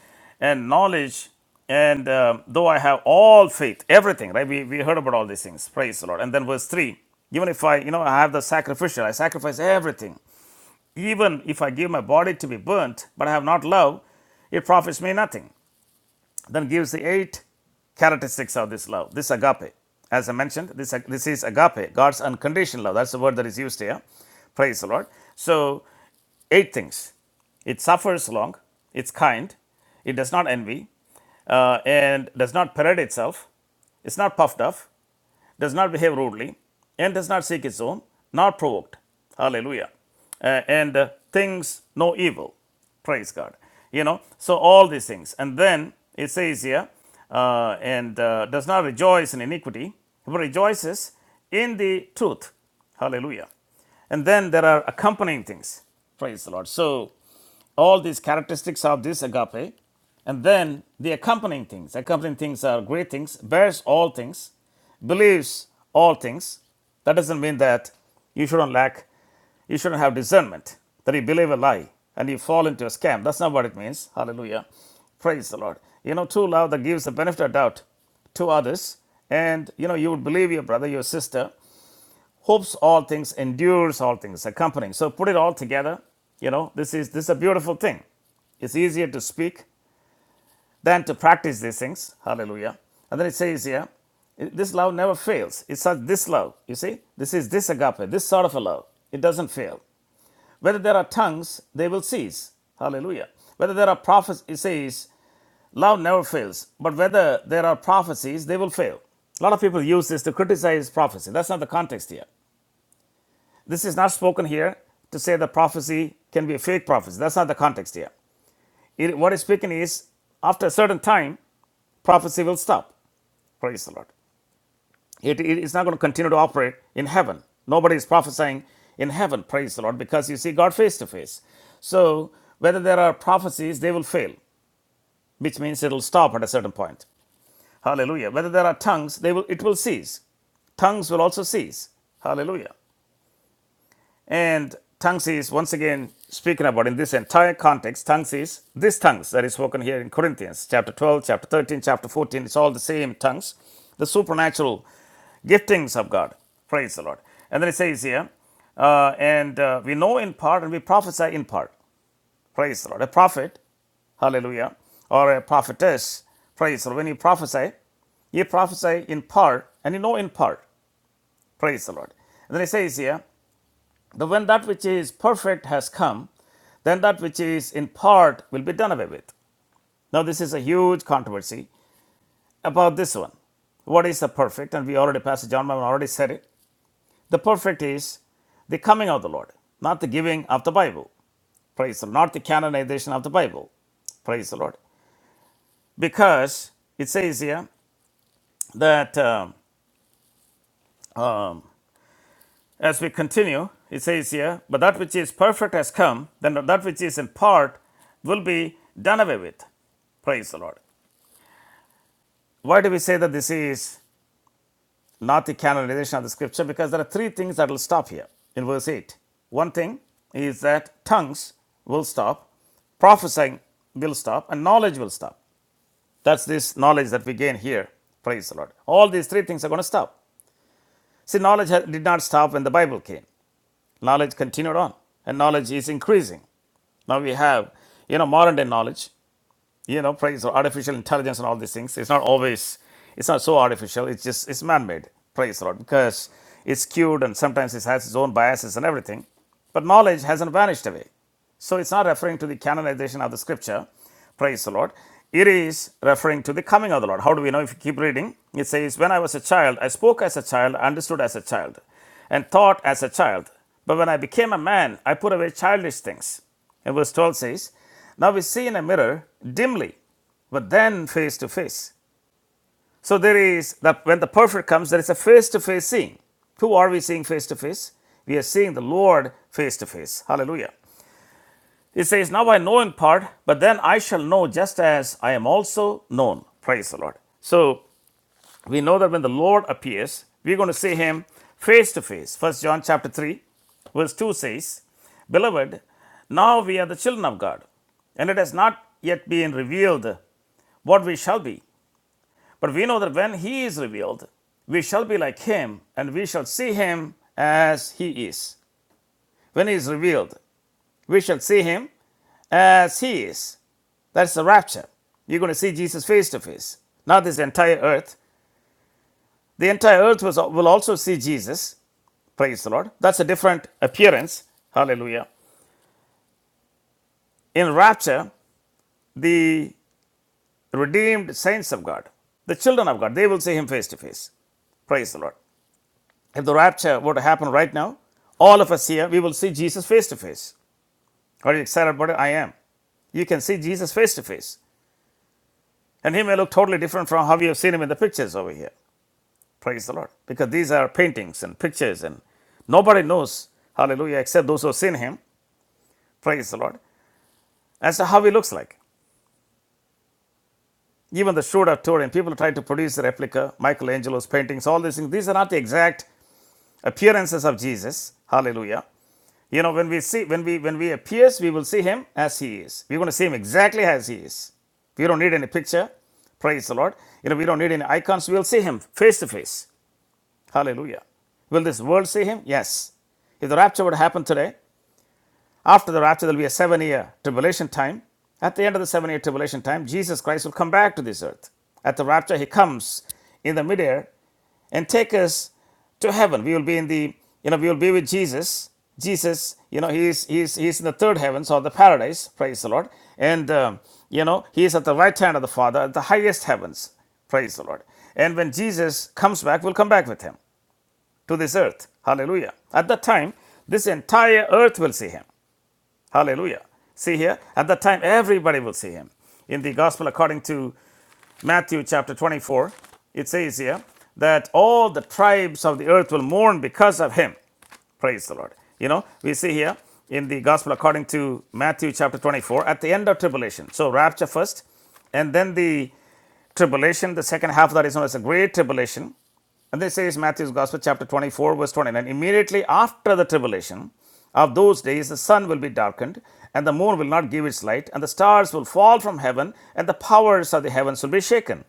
[SPEAKER 1] and knowledge, and um, though I have all faith, everything, right? We, we heard about all these things. Praise the Lord. And then verse 3 even if I, you know, I have the sacrificial, I sacrifice everything. Even if I give my body to be burnt, but I have not love, it profits me nothing then gives the eight characteristics of this love, this agape. As I mentioned, this, this is agape, God's unconditional love. That's the word that is used here. Praise the Lord. So, eight things it suffers long, it's kind, it does not envy, uh, and does not parade itself, it's not puffed up, does not behave rudely, and does not seek its own, nor provoked. Hallelujah. Uh, and uh, things no evil. Praise God. You know, so all these things. And then it says here, uh, and uh, does not rejoice in iniquity, but rejoices in the truth. Hallelujah. And then there are accompanying things. Praise the Lord. So, all these characteristics of this agape, and then the accompanying things. Accompanying things are great things, bears all things, believes all things, that doesn't mean that you shouldn't lack, you shouldn't have discernment, that you believe a lie and you fall into a scam. That's not what it means. Hallelujah. Praise the Lord. You know, true love that gives the benefit of doubt to others, and you know, you would believe your brother, your sister, hopes all things, endures all things, accompanying. So put it all together. You know, this is this is a beautiful thing. It's easier to speak than to practice these things. Hallelujah. And then it says here, this love never fails. It's such this love, you see? This is this agape, this sort of a love. It doesn't fail. Whether there are tongues, they will cease. Hallelujah. Whether there are prophets, it says, love never fails. But whether there are prophecies, they will fail. A lot of people use this to criticize prophecy. That's not the context here. This is not spoken here to say that prophecy can be a fake prophecy. That's not the context here. It, what it's speaking is, after a certain time, prophecy will stop. Praise the Lord. It, it is not going to continue to operate in heaven. Nobody is prophesying in heaven, praise the Lord, because you see God face to face. So, whether there are prophecies, they will fail, which means it will stop at a certain point. Hallelujah. Whether there are tongues, they will, it will cease. Tongues will also cease. Hallelujah. And tongues is, once again, speaking about in this entire context, tongues is this tongues that is spoken here in Corinthians, chapter 12, chapter 13, chapter 14. It's all the same tongues, the supernatural giftings of God. Praise the Lord. And then it says here, uh, and uh, we know in part and we prophesy in part. Praise the Lord. A prophet, hallelujah, or a prophetess, praise the Lord. When you prophesy, you prophesy in part, and you know in part. Praise the Lord. And then it says here, now, when that which is perfect has come, then that which is in part will be done away with. Now, this is a huge controversy about this one. What is the perfect? And we already, Pastor John Mammon already said it. The perfect is the coming of the Lord, not the giving of the Bible. Praise the Lord. Not the canonization of the Bible. Praise the Lord. Because it says here that. uh, um, As we continue, it says here, but that which is perfect has come, then that which is in part will be done away with. Praise the Lord. Why do we say that this is not the canonization of the scripture? Because there are three things that will stop here in verse 8. One thing is that tongues will stop, prophesying will stop, and knowledge will stop. That's this knowledge that we gain here. Praise the Lord. All these three things are going to stop. See, knowledge did not stop when the Bible came. Knowledge continued on, and knowledge is increasing. Now we have, you know, modern day knowledge, you know, praise or artificial intelligence and all these things. It's not always, it's not so artificial. It's just, it's man-made, praise the Lord, because it's skewed and sometimes it has its own biases and everything. But knowledge hasn't vanished away. So it's not referring to the canonization of the scripture. Praise the Lord. It is referring to the coming of the Lord. How do we know? If you keep reading, it says, When I was a child, I spoke as a child, understood as a child, and thought as a child. But when I became a man, I put away childish things. And verse 12 says, Now we see in a mirror dimly, but then face to face. So there is that when the perfect comes, there is a face to face seeing. Who are we seeing face to face? We are seeing the Lord face to face. Hallelujah. It says, Now I know in part, but then I shall know just as I am also known. Praise the Lord. So we know that when the Lord appears, we're going to see him face to face. First John chapter 3, verse 2 says, Beloved, now we are the children of God, and it has not yet been revealed what we shall be. But we know that when he is revealed, we shall be like him, and we shall see him as he is. When he is revealed, we shall see him as he is. That's the rapture. You're going to see Jesus face to face. Not this entire earth. The entire earth was, will also see Jesus. Praise the Lord. That's a different appearance. Hallelujah. In rapture, the redeemed saints of God, the children of God, they will see him face to face. Praise the Lord. If the rapture were to happen right now, all of us here, we will see Jesus face to face. Are you excited about it? I am. You can see Jesus face to face. And he may look totally different from how you have seen him in the pictures over here. Praise the Lord. Because these are paintings and pictures, and nobody knows, hallelujah, except those who have seen him. Praise the Lord. As to how he looks like. Even the short of Turin, people try to produce the replica, Michelangelo's paintings, all these things. These are not the exact appearances of Jesus. Hallelujah. You know, when we see, when we when we appears, we will see him as he is. We're going to see him exactly as he is. We don't need any picture. Praise the Lord. You know, we don't need any icons. We'll see him face to face. Hallelujah. Will this world see him? Yes. If the rapture would happen today, after the rapture, there will be a seven year tribulation time. At the end of the seven year tribulation time, Jesus Christ will come back to this earth. At the rapture, he comes in the midair and take us to heaven. We will be in the, you know, we will be with Jesus. Jesus, you know, he is, he is, he is in the third heavens or the paradise, praise the Lord. And, um, you know, he is at the right hand of the Father, at the highest heavens, praise the Lord. And when Jesus comes back, we'll come back with him to this earth. Hallelujah. At that time, this entire earth will see him. Hallelujah. See here, at that time, everybody will see him. In the gospel according to Matthew chapter 24, it says here that all the tribes of the earth will mourn because of him. Praise the Lord. You know, we see here in the gospel according to Matthew chapter 24 at the end of tribulation. So, rapture first, and then the tribulation, the second half of that is known as the great tribulation. And this says Matthew's gospel, chapter 24, verse 29. Immediately after the tribulation of those days, the sun will be darkened, and the moon will not give its light, and the stars will fall from heaven, and the powers of the heavens will be shaken.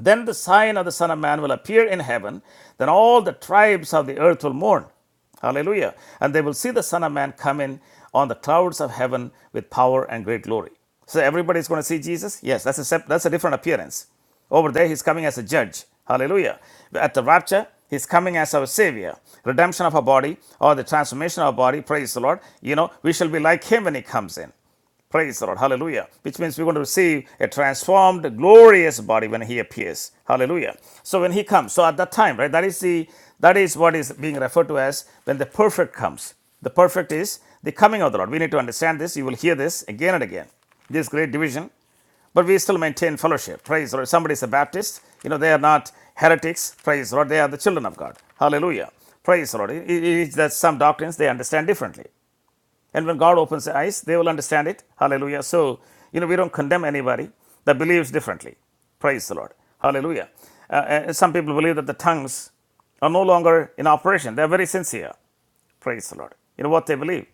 [SPEAKER 1] Then the sign of the Son of Man will appear in heaven. Then all the tribes of the earth will mourn. Hallelujah. And they will see the Son of Man come in on the clouds of heaven with power and great glory. So everybody's going to see Jesus? Yes, that's a, sep- that's a different appearance. Over there, he's coming as a judge. Hallelujah. At the rapture, he's coming as our savior. Redemption of our body or the transformation of our body, praise the Lord. You know, we shall be like him when he comes in. Praise the Lord. Hallelujah. Which means we're going to receive a transformed, glorious body when he appears. Hallelujah. So when he comes, so at that time, right? That is the that is what is being referred to as when the perfect comes. The perfect is the coming of the Lord. We need to understand this. You will hear this again and again. This great division but we still maintain fellowship. Praise the Lord. Somebody is a Baptist, you know, they are not heretics. Praise the Lord. They are the children of God. Hallelujah. Praise the Lord. it is that some doctrines they understand differently. And when God opens their eyes, they will understand it. Hallelujah. So, you know, we don't condemn anybody that believes differently. Praise the Lord. Hallelujah. Uh, uh, some people believe that the tongues are no longer in operation. They're very sincere. Praise the Lord. You know what they believe.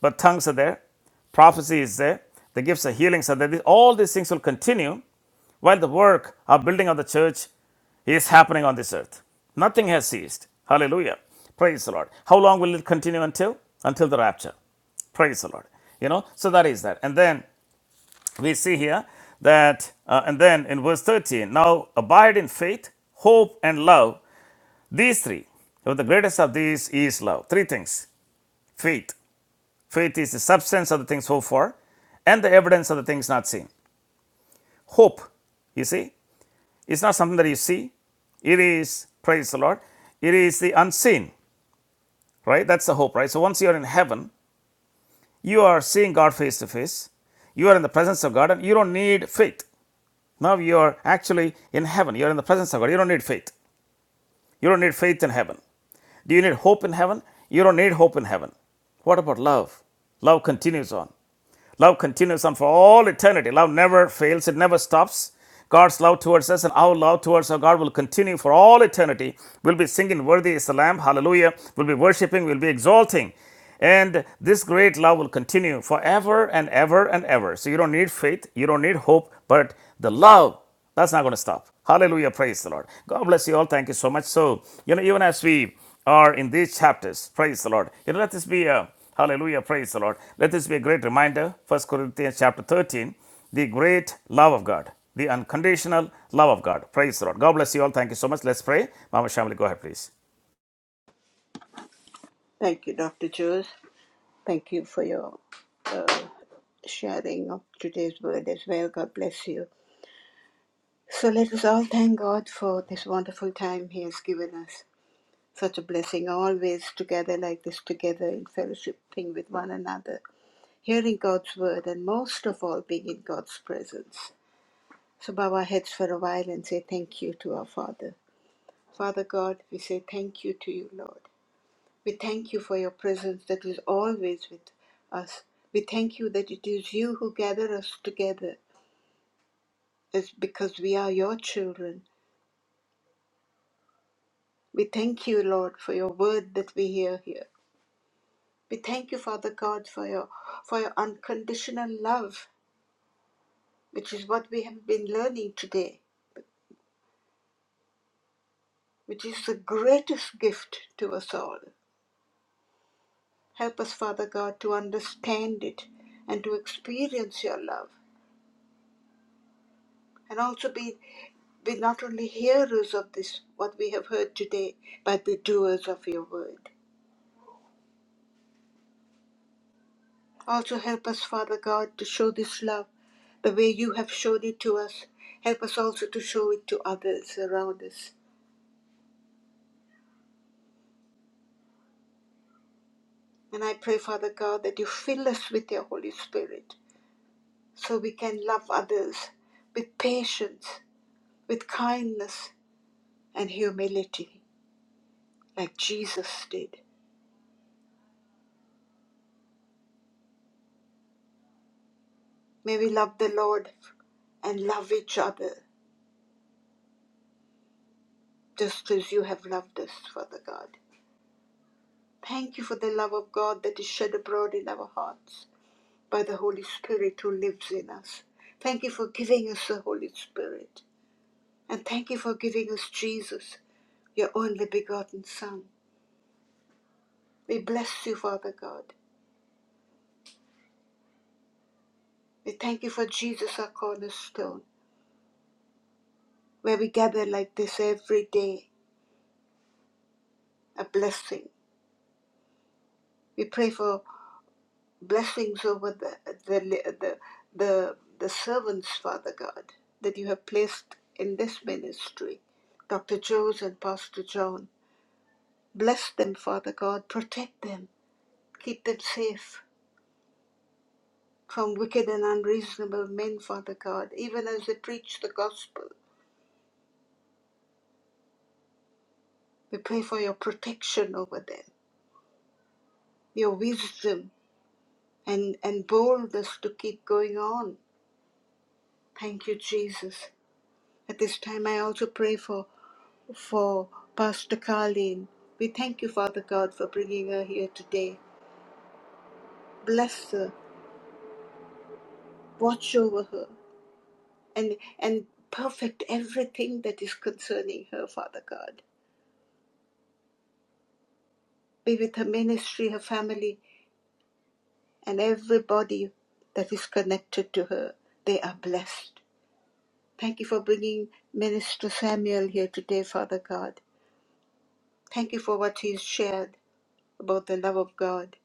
[SPEAKER 1] But tongues are there, prophecy is there, the gifts of healings are there. All these things will continue while the work of building of the church is happening on this earth. Nothing has ceased. Hallelujah. Praise the Lord. How long will it continue until? Until the rapture. Praise the Lord. You know, so that is that. And then we see here that, uh, and then in verse 13, now abide in faith, hope, and love. These three. But the greatest of these is love. Three things faith. Faith is the substance of the things hoped for and the evidence of the things not seen. Hope, you see, it's not something that you see. It is, praise the Lord, it is the unseen, right? That's the hope, right? So once you're in heaven, you are seeing God face to face. You are in the presence of God and you don't need faith. Now you are actually in heaven. You're in the presence of God. You don't need faith. You don't need faith in heaven. Do you need hope in heaven? You don't need hope in heaven. What about love? Love continues on. Love continues on for all eternity. Love never fails, it never stops. God's love towards us and our love towards our God will continue for all eternity. We'll be singing, Worthy is the Lamb, hallelujah. We'll be worshiping, we'll be exalting. And this great love will continue forever and ever and ever. So you don't need faith, you don't need hope, but the love that's not going to stop. Hallelujah. Praise the Lord. God bless you all. Thank you so much. So, you know, even as we are in these chapters, praise the Lord. You know, let this be a hallelujah. Praise the Lord. Let this be a great reminder. First Corinthians chapter 13, the great love of God, the unconditional love of God. Praise the Lord. God bless you all. Thank you so much. Let's pray. Mama Shamli, go ahead, please.
[SPEAKER 2] Thank you, Dr. Jules. Thank you for your uh, sharing of today's word as well. God bless you. So let us all thank God for this wonderful time He has given us. Such a blessing, always together like this, together in fellowship, thing with one another, hearing God's word, and most of all, being in God's presence. So bow our heads for a while and say thank you to our Father. Father God, we say thank you to you, Lord. We thank you for your presence that is always with us. We thank you that it is you who gather us together is because we are your children. We thank you, Lord, for your word that we hear here. We thank you, Father God, for your for your unconditional love, which is what we have been learning today, which is the greatest gift to us all. Help us, Father God, to understand it and to experience your love and also be be not only hearers of this, what we have heard today, but the doers of your word. Also, help us, Father God, to show this love the way you have showed it to us. Help us also to show it to others around us. And I pray, Father God, that you fill us with your Holy Spirit so we can love others with patience, with kindness, and humility, like Jesus did. May we love the Lord and love each other just as you have loved us, Father God. Thank you for the love of God that is shed abroad in our hearts by the Holy Spirit who lives in us. Thank you for giving us the Holy Spirit. And thank you for giving us Jesus, your only begotten Son. We bless you, Father God. We thank you for Jesus, our cornerstone, where we gather like this every day, a blessing. We pray for blessings over the the the the, the servants, Father God, that you have placed in this ministry, Dr. Joes and Pastor John. Bless them, Father God. Protect them. Keep them safe from wicked and unreasonable men, Father God. Even as they preach the gospel, we pray for your protection over them, your wisdom and and boldness to keep going on. Thank you, Jesus. At this time, I also pray for for Pastor Carleen. We thank you, Father God, for bringing her here today. Bless her, watch over her, and and perfect everything that is concerning her, Father God. Be with her ministry, her family, and everybody that is connected to her. They are blessed. Thank you for bringing Minister Samuel here today, Father God. Thank you for what he's shared about the love of God.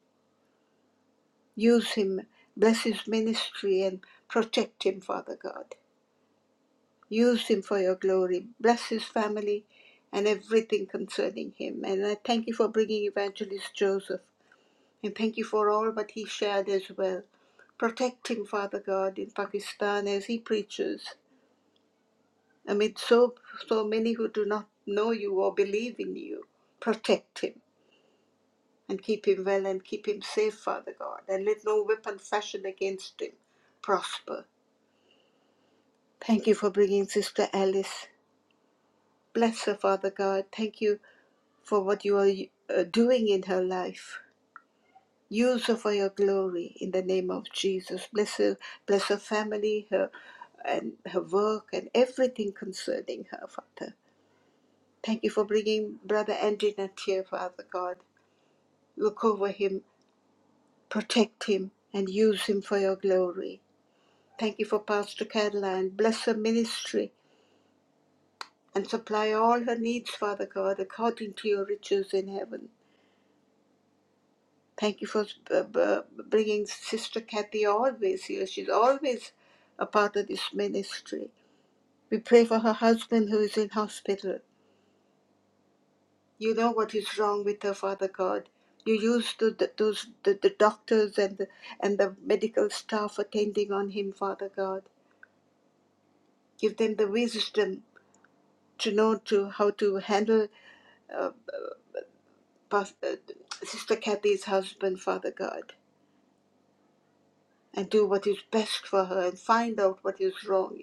[SPEAKER 2] Use him, bless his ministry, and protect him, Father God. Use him for your glory. Bless his family and everything concerning him. And I thank you for bringing Evangelist Joseph. And thank you for all that he shared as well. Protect him, Father God, in Pakistan as he preaches amid so, so many who do not know you or believe in you. Protect him and keep him well and keep him safe, Father God. And let no weapon fashioned against him prosper. Thank you for bringing Sister Alice. Bless her, Father God. Thank you for what you are uh, doing in her life. Use her for your glory in the name of Jesus. Bless her, bless her family, her and her work, and everything concerning her, Father. Thank you for bringing Brother Andrew here, Father God. Look over him, protect him, and use him for your glory. Thank you for Pastor Caroline. Bless her ministry and supply all her needs, Father God, according to your riches in heaven. Thank you for uh, bringing Sister Kathy always here. She's always a part of this ministry. We pray for her husband who is in hospital. You know what is wrong with her, Father God. You use the, the, those, the, the doctors and the, and the medical staff attending on him, Father God. Give them the wisdom to know to how to handle uh, uh, Sister Kathy's husband, Father God. and do what is best for her and find out what is wrong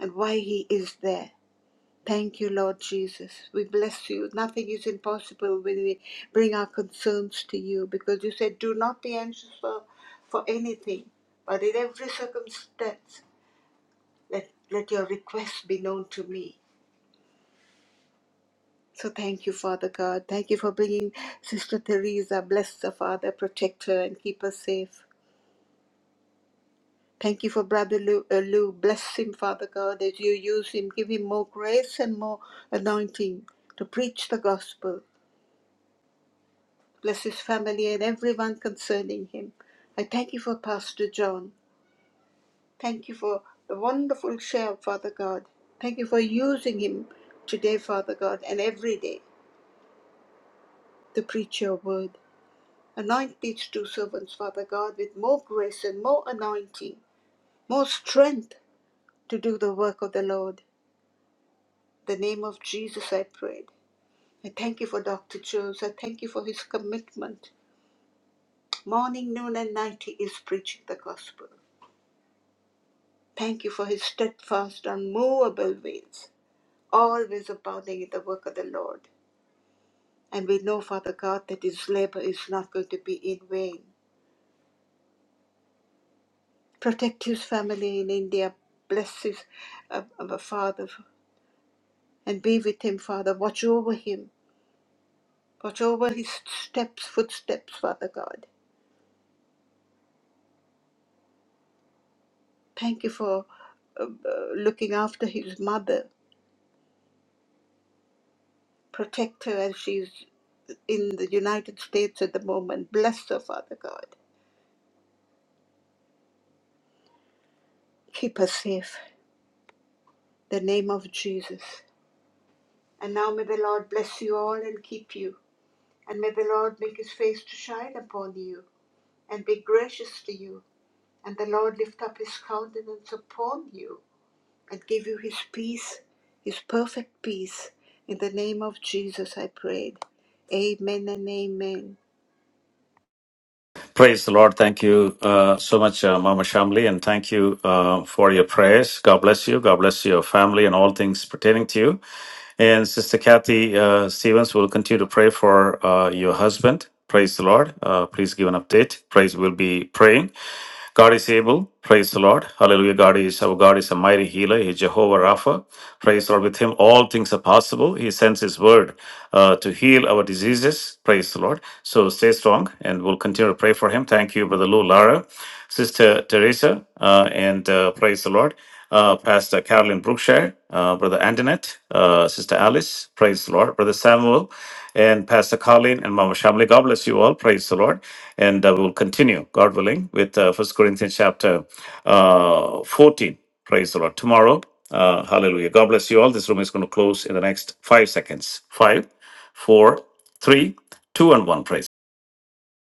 [SPEAKER 2] and why he is there. Thank you, Lord Jesus. We bless you. Nothing is impossible when we bring our concerns to you because you said, Do not be anxious for, for anything, but in every circumstance, let, let your requests be known to me. So thank you, Father God. Thank you for bringing Sister Teresa. Bless her, Father. Protect her and keep her safe. Thank you for Brother Lou, uh, Lou. Bless him, Father God, as you use him. Give him more grace and more anointing to preach the gospel. Bless his family and everyone concerning him. I thank you for Pastor John. Thank you for the wonderful share, Father God. Thank you for using him today, Father God, and every day to preach your word. Anoint these two servants, Father God, with more grace and more anointing, more strength to do the work of the Lord. the name of Jesus, I prayed. I thank you for Dr. Jones. I thank you for his commitment. Morning, noon, and night, he is preaching the gospel. Thank you for his steadfast, unmovable ways, always abounding in the work of the Lord. And we know, Father God, that his labor is not going to be in vain. Protect his family in India. Bless his uh, uh, father and be with him, Father. Watch over him. Watch over his steps, footsteps, Father God. Thank you for uh, uh, looking after his mother. Protect her as she's in the United States at the moment. Bless her, Father God. Keep her safe. The name of Jesus. And now may the Lord bless you all and keep you. And may the Lord make his face to shine upon you and be gracious to you. And the Lord lift up his countenance upon you and give you his peace, his perfect peace. In the name of Jesus, I prayed. Amen and amen.
[SPEAKER 1] Praise the Lord. Thank you uh, so much, uh, Mama Shamli, and thank you uh, for your prayers. God bless you. God bless your family and all things pertaining to you. And Sister Kathy uh, Stevens will continue to pray for uh, your husband. Praise the Lord. Uh, please give an update. Praise will be praying. God is able. Praise the Lord. Hallelujah. God is our God is a mighty healer. He is Jehovah Rapha. Praise the Lord. With him, all things are possible. He sends his word uh, to heal our diseases. Praise the Lord. So stay strong and we'll continue to pray for him. Thank you, Brother Lou Lara, Sister Teresa, uh, and uh, praise the Lord. Uh, Pastor Carolyn Brookshire, uh, Brother Antoinette, uh, Sister Alice, praise the Lord, Brother Samuel, and Pastor Colin and Mama Shamli. God bless you all. Praise the Lord. And uh, we'll continue, God willing, with uh, 1 Corinthians chapter uh, 14. Praise the Lord. Tomorrow, uh, hallelujah. God bless you all. This room is going to close in the next five seconds. Five, four, three, two, and one. Praise.